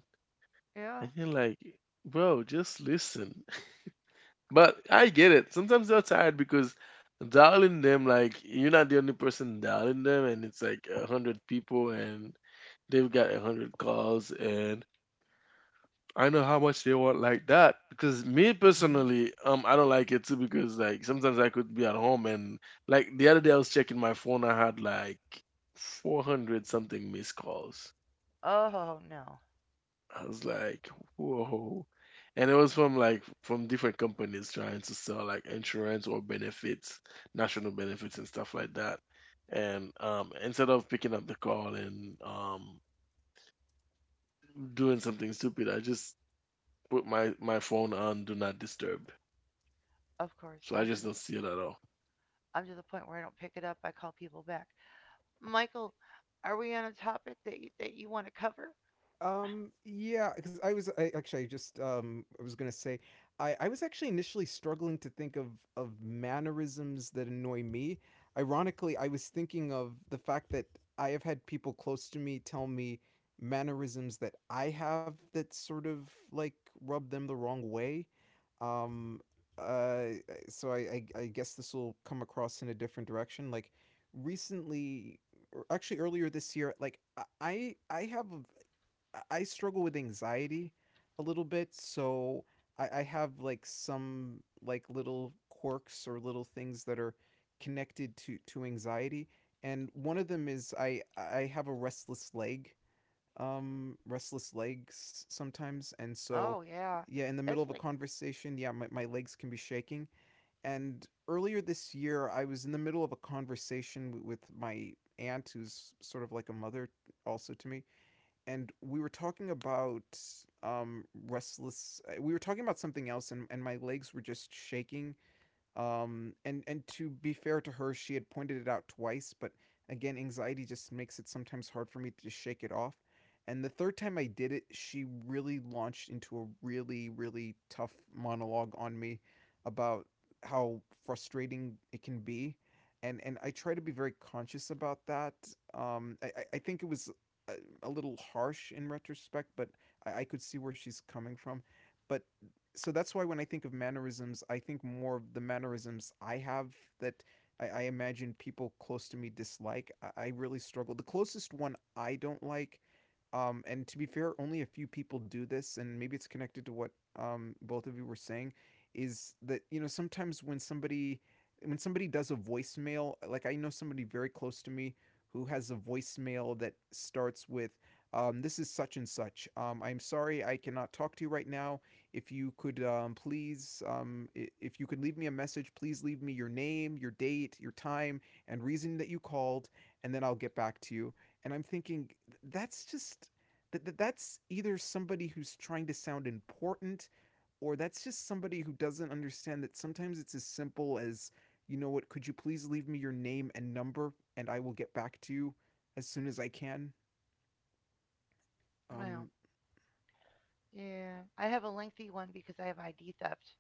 and
Yeah.
you're like, bro, just listen. But I get it. Sometimes they're tired because dialing them, like you're not the only person dialing them, and it's like a hundred people and they've got a hundred calls and I know how much they want like that because me
Hmm.
personally, um, I don't like it too because like sometimes I could be at home and like the other day I was checking my phone, I had like four hundred something missed calls.
Oh no.
I was like, whoa. And it was from like from different companies trying to sell like insurance or benefits, national benefits and stuff like that. And um, instead of picking up the call and um, doing something stupid, I just put my my phone on do not disturb.
Of course.
So I
I'm to
just
the
don't see it at all.
I'm to the point where I don't pick it up. I call people back. Michael, are we on a topic that you, that you want to cover?
Um, yeah, because I was I, actually I just um I was gonna say I I was actually initially struggling to think of of mannerisms that annoy me. Ironically, I was thinking of the fact that I have had people close to me tell me mannerisms that I have that sort of like rub them the wrong way. Um, uh, so I, I, I guess this will come across in a different direction. Like recently, or actually earlier this year, like I I I have I- I struggle with anxiety a little bit, so I, I have like some like little quirks or little things that are connected to to anxiety, and one of them is I I have a restless leg, um, restless legs sometimes, and so
Oh yeah,
yeah, in the middle
that's
of a
like
conversation, yeah, my, my legs can be shaking. And earlier this year, I was in the middle of a conversation w- with my aunt, who's sort of like a mother also to me, and we were talking about um restless uh, we were talking about something else, and, and my legs were just shaking, um, and and to be fair to her, she had pointed it out twice, but again, anxiety just makes it sometimes hard for me to just shake it off. And the third time I did it, she really launched into a really really tough monologue on me about how frustrating it can be. And, and I try to be very conscious about that. Um, I, I- think it was a, a little harsh in retrospect, but I, I could see where she's coming from. But so that's why when I think of mannerisms, I think more of the mannerisms I have that I, I imagine people close to me dislike. I, I really struggle. The closest one I don't like, um, and to be fair, only a few people do this, and maybe it's connected to what um, both of you were saying, is that you know sometimes when somebody when somebody does a voicemail, like I know somebody very close to me who has a voicemail that starts with um, this is such and such. Um, I'm sorry I cannot talk to you right now. If you could um, please, um, if you could leave me a message, please leave me your name, your date, your time, and reason that you called, and then I'll get back to you. And I'm thinking that's just that, that's either somebody who's trying to sound important, or that's just somebody who doesn't understand that sometimes it's as simple as, you know, what, could you please leave me your name and number and I will get back to you as soon as I can.
well,
um
yeah. I have a lengthy one because I have I D theft.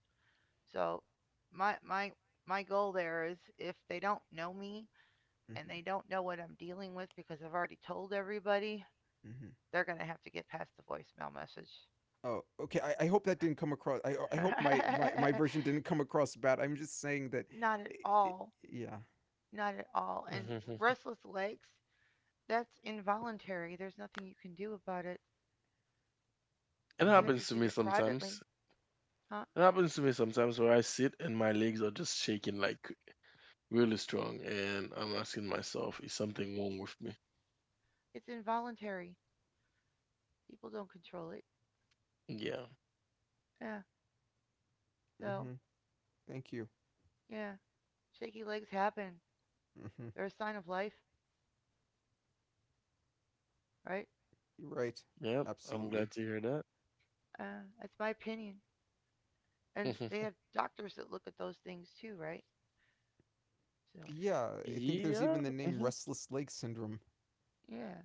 So my my my goal there is if they don't know me, and
mm-hmm.
they don't know what I'm dealing with because I've already told everybody,
Mm-hmm.
they're gonna have to get past the voicemail message.
Oh, okay. I, I hope that didn't come across. I, I hope my, my my version didn't come across bad. I'm just saying that
Not at
it, it,
all.
yeah.
Not at all. And
Mhm.
restless legs, that's involuntary. There's nothing you can do about it.
It
You
mm-hmm,
have to
happens to
do
me
that
sometimes.
privately, huh?
It happens to me sometimes where I sit and my legs are just shaking like really strong, and I'm asking myself, is something wrong with me?
It's involuntary. People don't control it.
Yeah.
Yeah. So,
mm-hmm. Thank you.
yeah, shaky legs happen.
Mm-hmm.
They're a sign of life, right?
You're right.
Yep. I'm
Absolutely.
glad to hear that.
Uh, that's my opinion. And they
Mhm.
have doctors that look at those things too, right? So,
Yeah, I think there's
Yeah.
even the name
hmm
restless leg syndrome.
yeah,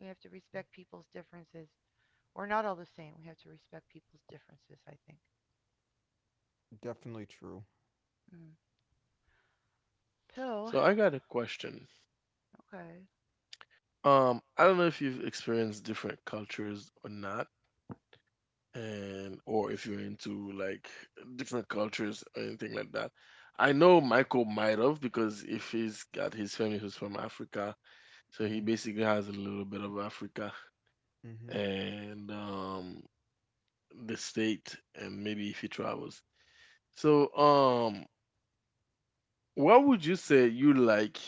we have to respect people's differences. We're not all the same. We have to respect people's differences, I think.
Definitely true.
Mm. So,
So I got a question.
okay.
Um, I don't know if you've experienced different cultures or not, and or if you're into like different cultures or anything like that. I know Michael might have because if he's got his family who's from Africa, so he
Mhm.
basically has a little bit of Africa
Mhm.
and um, the state, and maybe if he travels. So, um, what would you say you like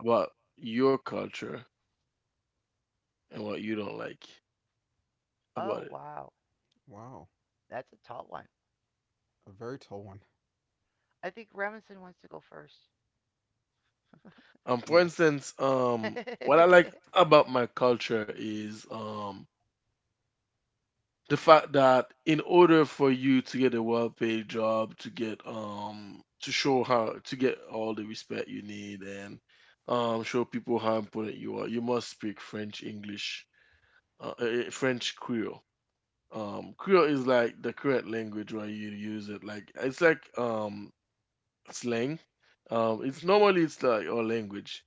about your culture and what you don't like about it?
Oh, wow.
Wow.
That's a tall one.
A very tall one.
I think Remington wants to go first.
Um, for
Yes.
instance, um, what I like about my culture is um, the fact that in order for you to get a well-paid job, to get um to show how to get all the respect you need and um show people how important you are, you must speak French, English, uh, eh, eh, French, Creole. Um creole is like the current language where you use it, like it's like um slang. Um it's normally, it's like our language.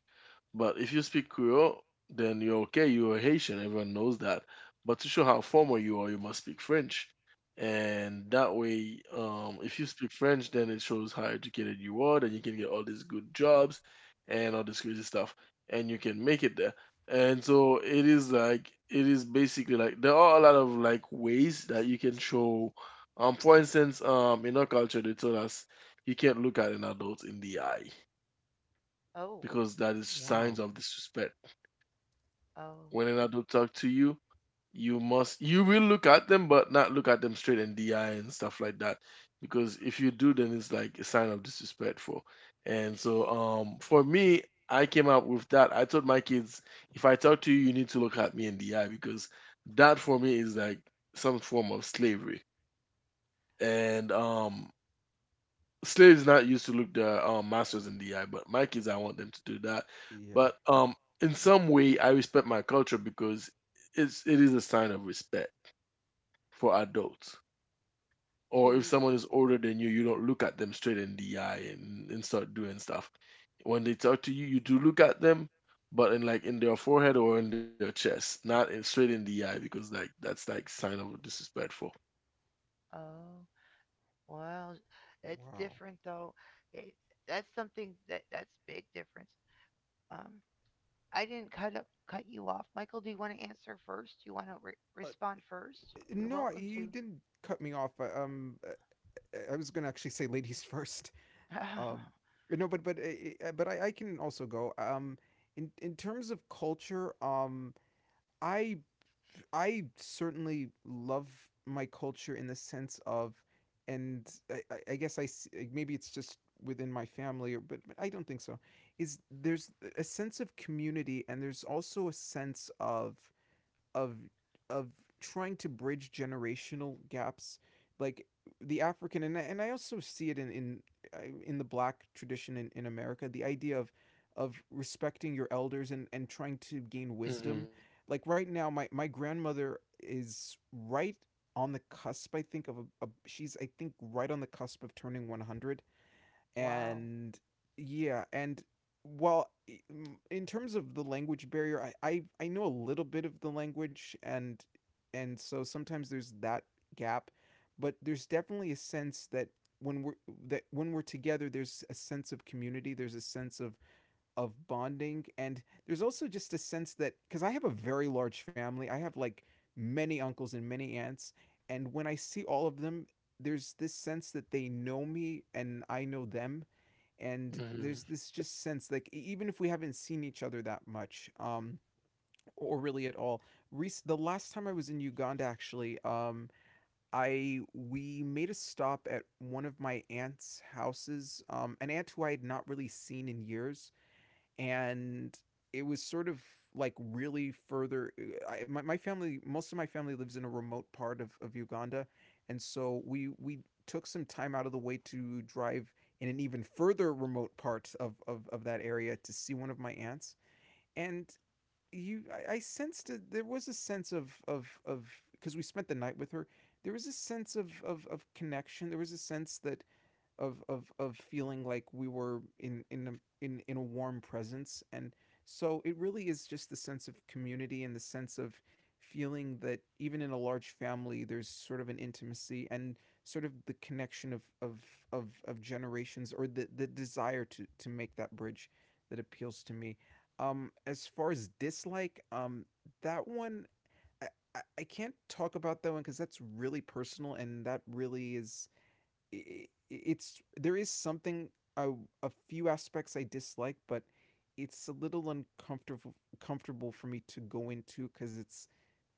But if you speak Creole, then you're okay. You're Haitian. Everyone knows that. But to show how formal you are, you must speak French. And that way, um, if you speak French, then it shows how educated you are. Then you can get all these good jobs and all this crazy stuff, and you can make it there. And so it is like it is basically like there are a lot of like ways that you can show. Um, for instance, um, in our culture, they told us you can't look at an adult in the eye
Oh,
because that is
Wow.
signs of disrespect.
oh,
When an adult talk to you, you must you will look at them, but not look at them straight in the eye and stuff like that. Because if you do, then it's like a sign of disrespectful. And so, um, for me, I came up with that. I told my kids, if I talk to you, you need to look at me in the eye because that for me is like some form of slavery. And um, slave's not used to look the um, masters in the eye, but my kids, I want them to do that.
Yeah.
But um, in some way, I respect my culture because it's it is a sign of respect for adults. Or if
two,
someone is older than you, you don't look at them straight in the eye and, and start doing stuff. When they talk to you, you do look at them, but in like in their forehead or in their chest, not in, straight in the eye because like that's like sign of disrespectful.
oh. Well, it's
Wow.
different though. It, that's something that that's big difference. Um, I didn't cut up cut you off, Michael. Do you want to answer first? Do you want to re-
Uh,
respond first? You're
no, I-
welcome
you
to.
didn't cut me off. I, um, I, I was gonna actually say ladies first. Um, no, but but uh, uh, but I, I can also go. Um, in in terms of culture, um, I I certainly love my culture in the sense of, and I, I- I guess I s- like, maybe it's just within my family, or but, but I don't think so. Is there's a sense of community, and there's also a sense of of of trying to bridge generational gaps like the african, and I, and I also see it in in uh, in the black tradition in, in america, the idea of of respecting your elders and and trying to gain
Hmm
wisdom. Like right now my my grandmother is right on the cusp I think of a, a she's I think right on the cusp of turning one hundred.
Wow.
And yeah, and well, in terms of the language barrier, I, I I know a little bit of the language, and and so sometimes there's that gap, but there's definitely a sense that when we're that when we're together, there's a sense of community, there's a sense of of bonding, and there's also just a sense that because I have a very large family, I have like many uncles and many aunts, and when I see all of them, there's this sense that they know me and I know them, and there's
hmm
this just sense like e- even if we haven't seen each other that much, um or really at all. Rec- the last time I was in uganda actually, um I we made a stop at one of my aunt's houses, um, an aunt who I had not really seen in years. And it was sort of like really further. I, my, my family, most of my family lives in a remote part of, of uganda, and so we we took some time out of the way to drive in an even further remote part of, of, of that area to see one of my aunts. And you i, I sensed that there was a sense of of of, because we spent the night with her, there was a sense of, of of connection, there was a sense that of of of feeling like we were in in a in, in a warm presence. And so it really is just the sense of community and the sense of feeling that even in a large family there's sort of an intimacy, and sort of the connection of of of, of generations, or the the desire to to make that bridge that appeals to me. Um as far as dislike, um that one, I, I- can't talk about that one because that's really personal, and that really is i- it's there is something. a, a few aspects I dislike, but it's a little uncomfortable comfortable for me to go into because it's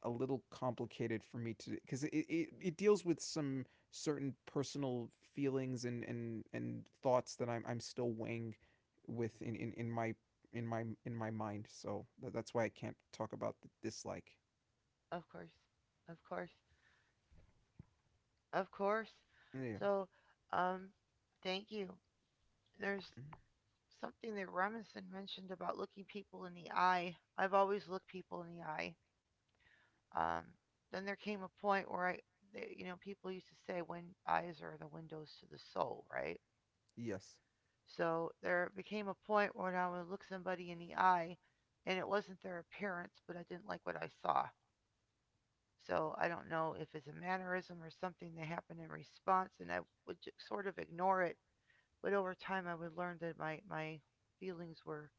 a little complicated for me to because it, it, it deals with some certain personal feelings and and and thoughts that I'm I'm still weighing with in in, in my in my in my mind, so tha- that's why I can't talk about the dislike.
Of course. Of course. Of course.
Yeah.
So, um, thank you. There's
Mm.
something that Remington mentioned about looking people in the eye. I've always looked people in the eye. Um, then there came a point where I, they, you know, people used to say when eyes are the windows to the soul, right?
Yes.
So there became a point where I would look somebody in the eye, and it wasn't their appearance, but I didn't like what I saw. So I don't know if it's a mannerism or something that happened in response, and I would sort of ignore it. But over time, I would learn that my my feelings were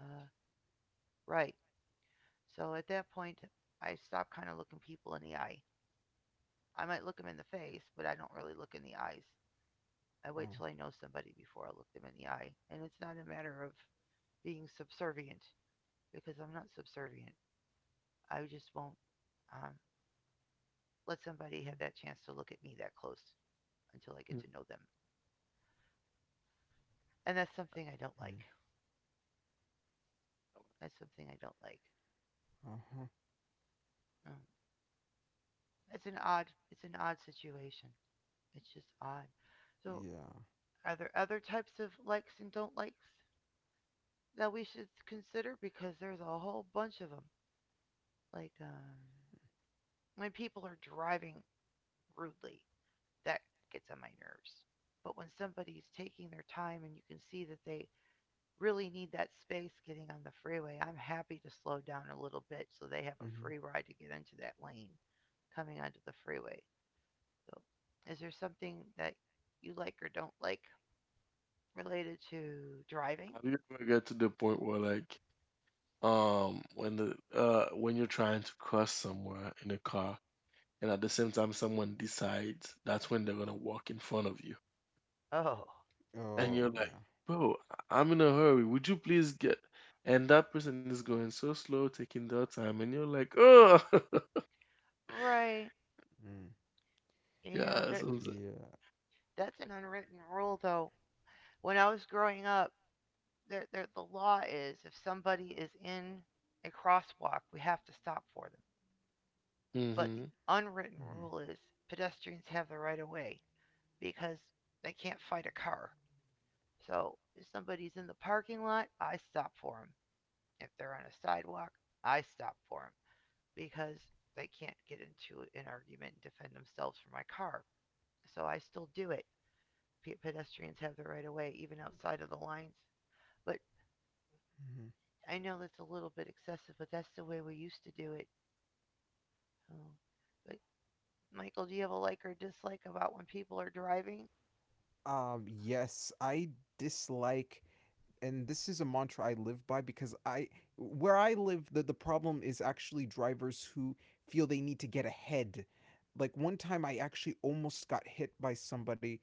uh, right. So at that point, I stopped kind of looking people in the eye. I might look them in the face, but I don't really look in the eyes. I wait
Oh.
till I know somebody before I look them in the eye. And it's not a matter of being subservient because I'm not subservient. I just won't um, let somebody have that chance to look at me that close until I get to know them. And that's something I don't like.
Mm.
That's something I don't like.
Uh-huh.
Um, it's an odd, it's an odd situation. It's just odd. So,
Yeah.
are there other types of likes and don't likes that we should consider? Because there's a whole bunch of them. Like, um, when people are driving rudely, that gets on my nerves. But when somebody's taking their time and you can see that they really need that space getting on the freeway, I'm happy to slow down a little bit so they have a
Mm-hmm.
free ride to get into that lane coming onto the freeway. So, is there something that you like or don't like related to driving?
Have you ever get to the point where like um when the uh when you're trying to cross somewhere in a car and at the same time someone decides that's when they're gonna walk in front of you
Oh,
and
Oh,
you're like,
yeah.
bro, I- I'm in a hurry, would you please get, and that person is going so slow taking their time and you're like, oh.
right.
Mm.
Yeah,
Yeah,
there,
so
Yeah.
that's an unwritten rule though. When I was growing up, there, there, the law is if somebody is in a crosswalk, we have to stop for them. But the
mm-hmm.
unwritten
Hmm.
rule is pedestrians have the right of way because they can't fight a car. So if somebody's in the parking lot, I stop for them. If they're on a sidewalk, I stop for them because they can't get into an argument and defend themselves from my car. So I still do it. Pedestrians have the right of way even outside of the lines. But
Hmm.
I know that's a little bit excessive, but that's the way we used to do it. Oh. But Michael, do you have a like or dislike about when people are driving?
Um, yes, I dislike, and this is a mantra I live by because I, where I live, the, the problem is actually drivers who feel they need to get ahead. Like one time I actually almost got hit by somebody.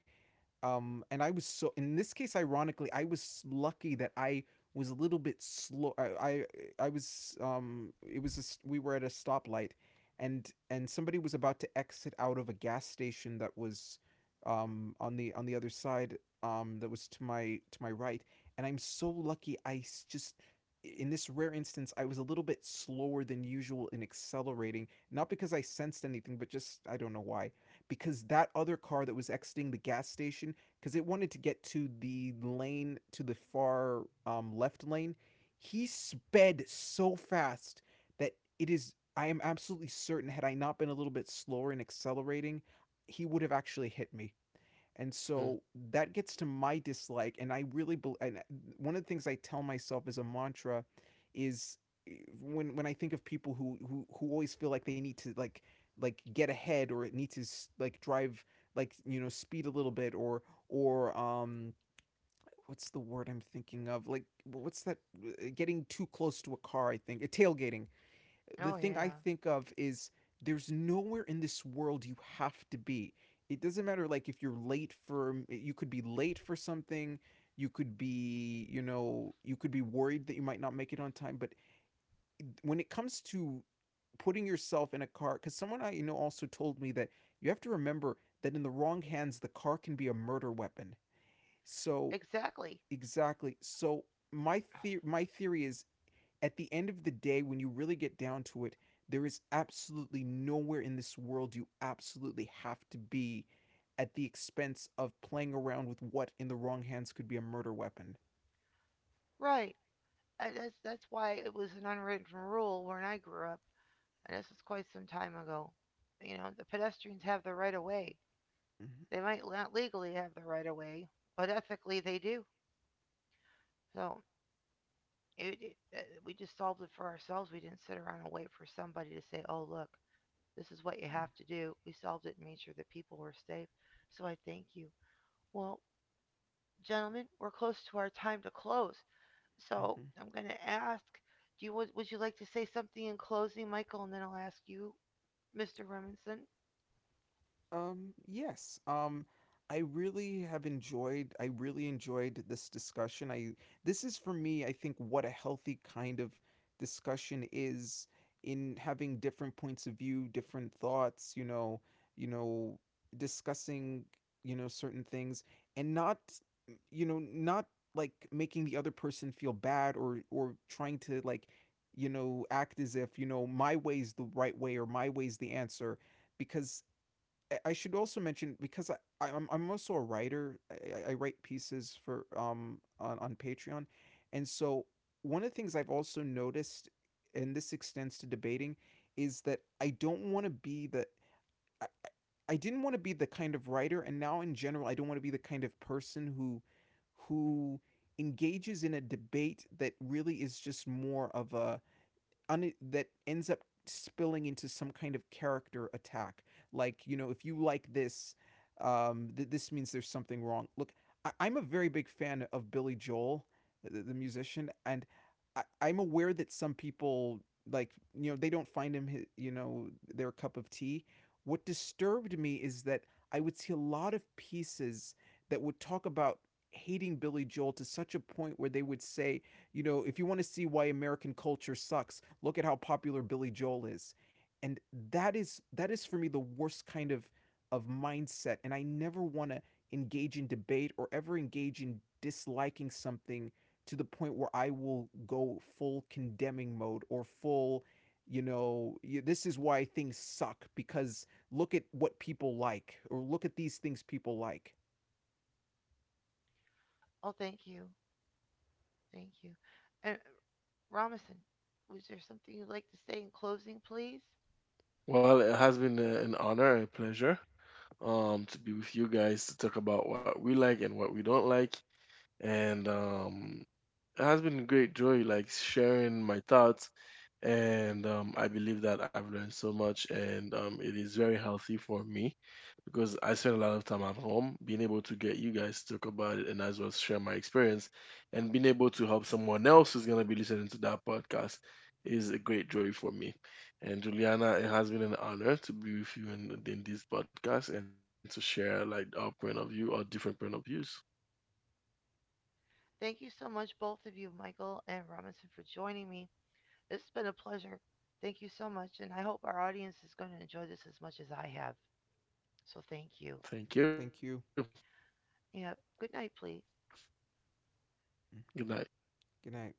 Um, and I was so in this case, ironically, I was lucky that I was a little bit slow. I I, I was um, it was a. We were at a stoplight, and and somebody was about to exit out of a gas station that was um, on the on the other side, um, that was to my to my right, and I'm so lucky I just in this rare instance I was a little bit slower than usual in accelerating, not because I sensed anything, but just I don't know why, because that other car that was exiting the gas station because it wanted to get to the lane to the far, um, left lane, he sped so fast that it is I am absolutely certain had I not been a little bit slower in accelerating he would have actually hit me. And
Mm.
so that gets to my dislike. And I really bel and uh, one of the things I tell myself as a mantra is eh, when when I think of people who who, who always feel like they need to like like get ahead, or it needs to like drive like you know speed a little bit, or or um, what's the word I'm thinking of, like what's that, eh, getting too close to a car, I think, eh, tailgating. The
Oh
thing I
yeah,
think of is there's nowhere in this world you have to be. It doesn't matter like if you're late for um, you could be late for something, you could be, you know, you could be worried that you might not make it on time, but when it comes to putting yourself in a car cuz someone I know also told me that you have to remember that in the wrong hands the car can be a murder weapon. So
exactly.
exactly. So my the- my theory is at the end of the day, when you really get down to it, there is absolutely nowhere in this world you absolutely have to be at the expense of playing around with what in the wrong hands could be a murder weapon.
Right. I, that's that's why it was an unwritten rule when I grew up, and this is quite some time ago. You know, the pedestrians have the right of way.
Mm-hmm.
They might not legally have the right of way, but ethically they do. So it, it, uh, we just solved it for ourselves. We didn't sit around and wait for somebody to say, "Oh, look, this is what you have to do." We solved it and made sure that people were safe. So I thank you. Well, gentlemen, we're close to our time to close. So
Mm-hmm.
I'm going to ask, do you would, would you like to say something in closing, Michael, and then I'll ask you, Mister Remington.
Um, yes. Um, I really have enjoyed I really enjoyed this discussion. I this is for me, I think what a healthy kind of discussion is, in having different points of view, different thoughts, you know, you know, discussing, you know, certain things, and not you know, not like making the other person feel bad, or or trying to like you know act as if you know my way's the right way or my way's the answer, because I- should also mention because I I'm I'm also a writer. I, I- I write pieces for um on on Patreon, and so one of the things I've also noticed, and this extends to debating, is that I don't want to be the I, I didn't want to be the kind of writer, and now in general, I don't want to be the kind of person who who engages in a debate that really is just more of a un- that ends up spilling into some kind of character attack. Like you know, if you like this, um, th- this means there's something wrong. Look, I- I'm a very big fan of Billy Joel, the, the musician, and I- I'm aware that some people like you know they don't find him hi- you know their cup of tea. What disturbed me is that I would see a lot of pieces that would talk about hating Billy Joel to such a point where they would say you know, if you want to see why American culture sucks, look at how popular Billy Joel is. And that is that is for me the worst kind of of mindset, and I never want to engage in debate or ever engage in disliking something to the point where I will go full condemning mode or full you know, this is why things suck because look at what people like or look at these things people like.
Oh, thank you, thank you, and Robinson. Was there something you'd like to say in closing, please?
Well, it has been a, an honor, a pleasure um to be with you guys, to talk about what we like and what we don't like. And um it has been a great joy like sharing my thoughts. And um, I believe that I've learned so much, and um, it is very healthy for me because I spend a lot of time at home. Being able to get you guys to talk about it and as well share my experience, and being able to help someone else who's gonna be listening to that podcast, is a great joy for me. And Juliana, it has been an honor to be with you in, in this podcast and to share like our point of view or different point of views.
Thank you so much, both of you, Michael and Robinson, for joining me. This has been a pleasure. Thank you so much, and I hope our audience is going to enjoy this as much as I have. So thank
Thank
you.
you.
Thank you.
Yeah, good night, please.
Good night.
Mm. Good night.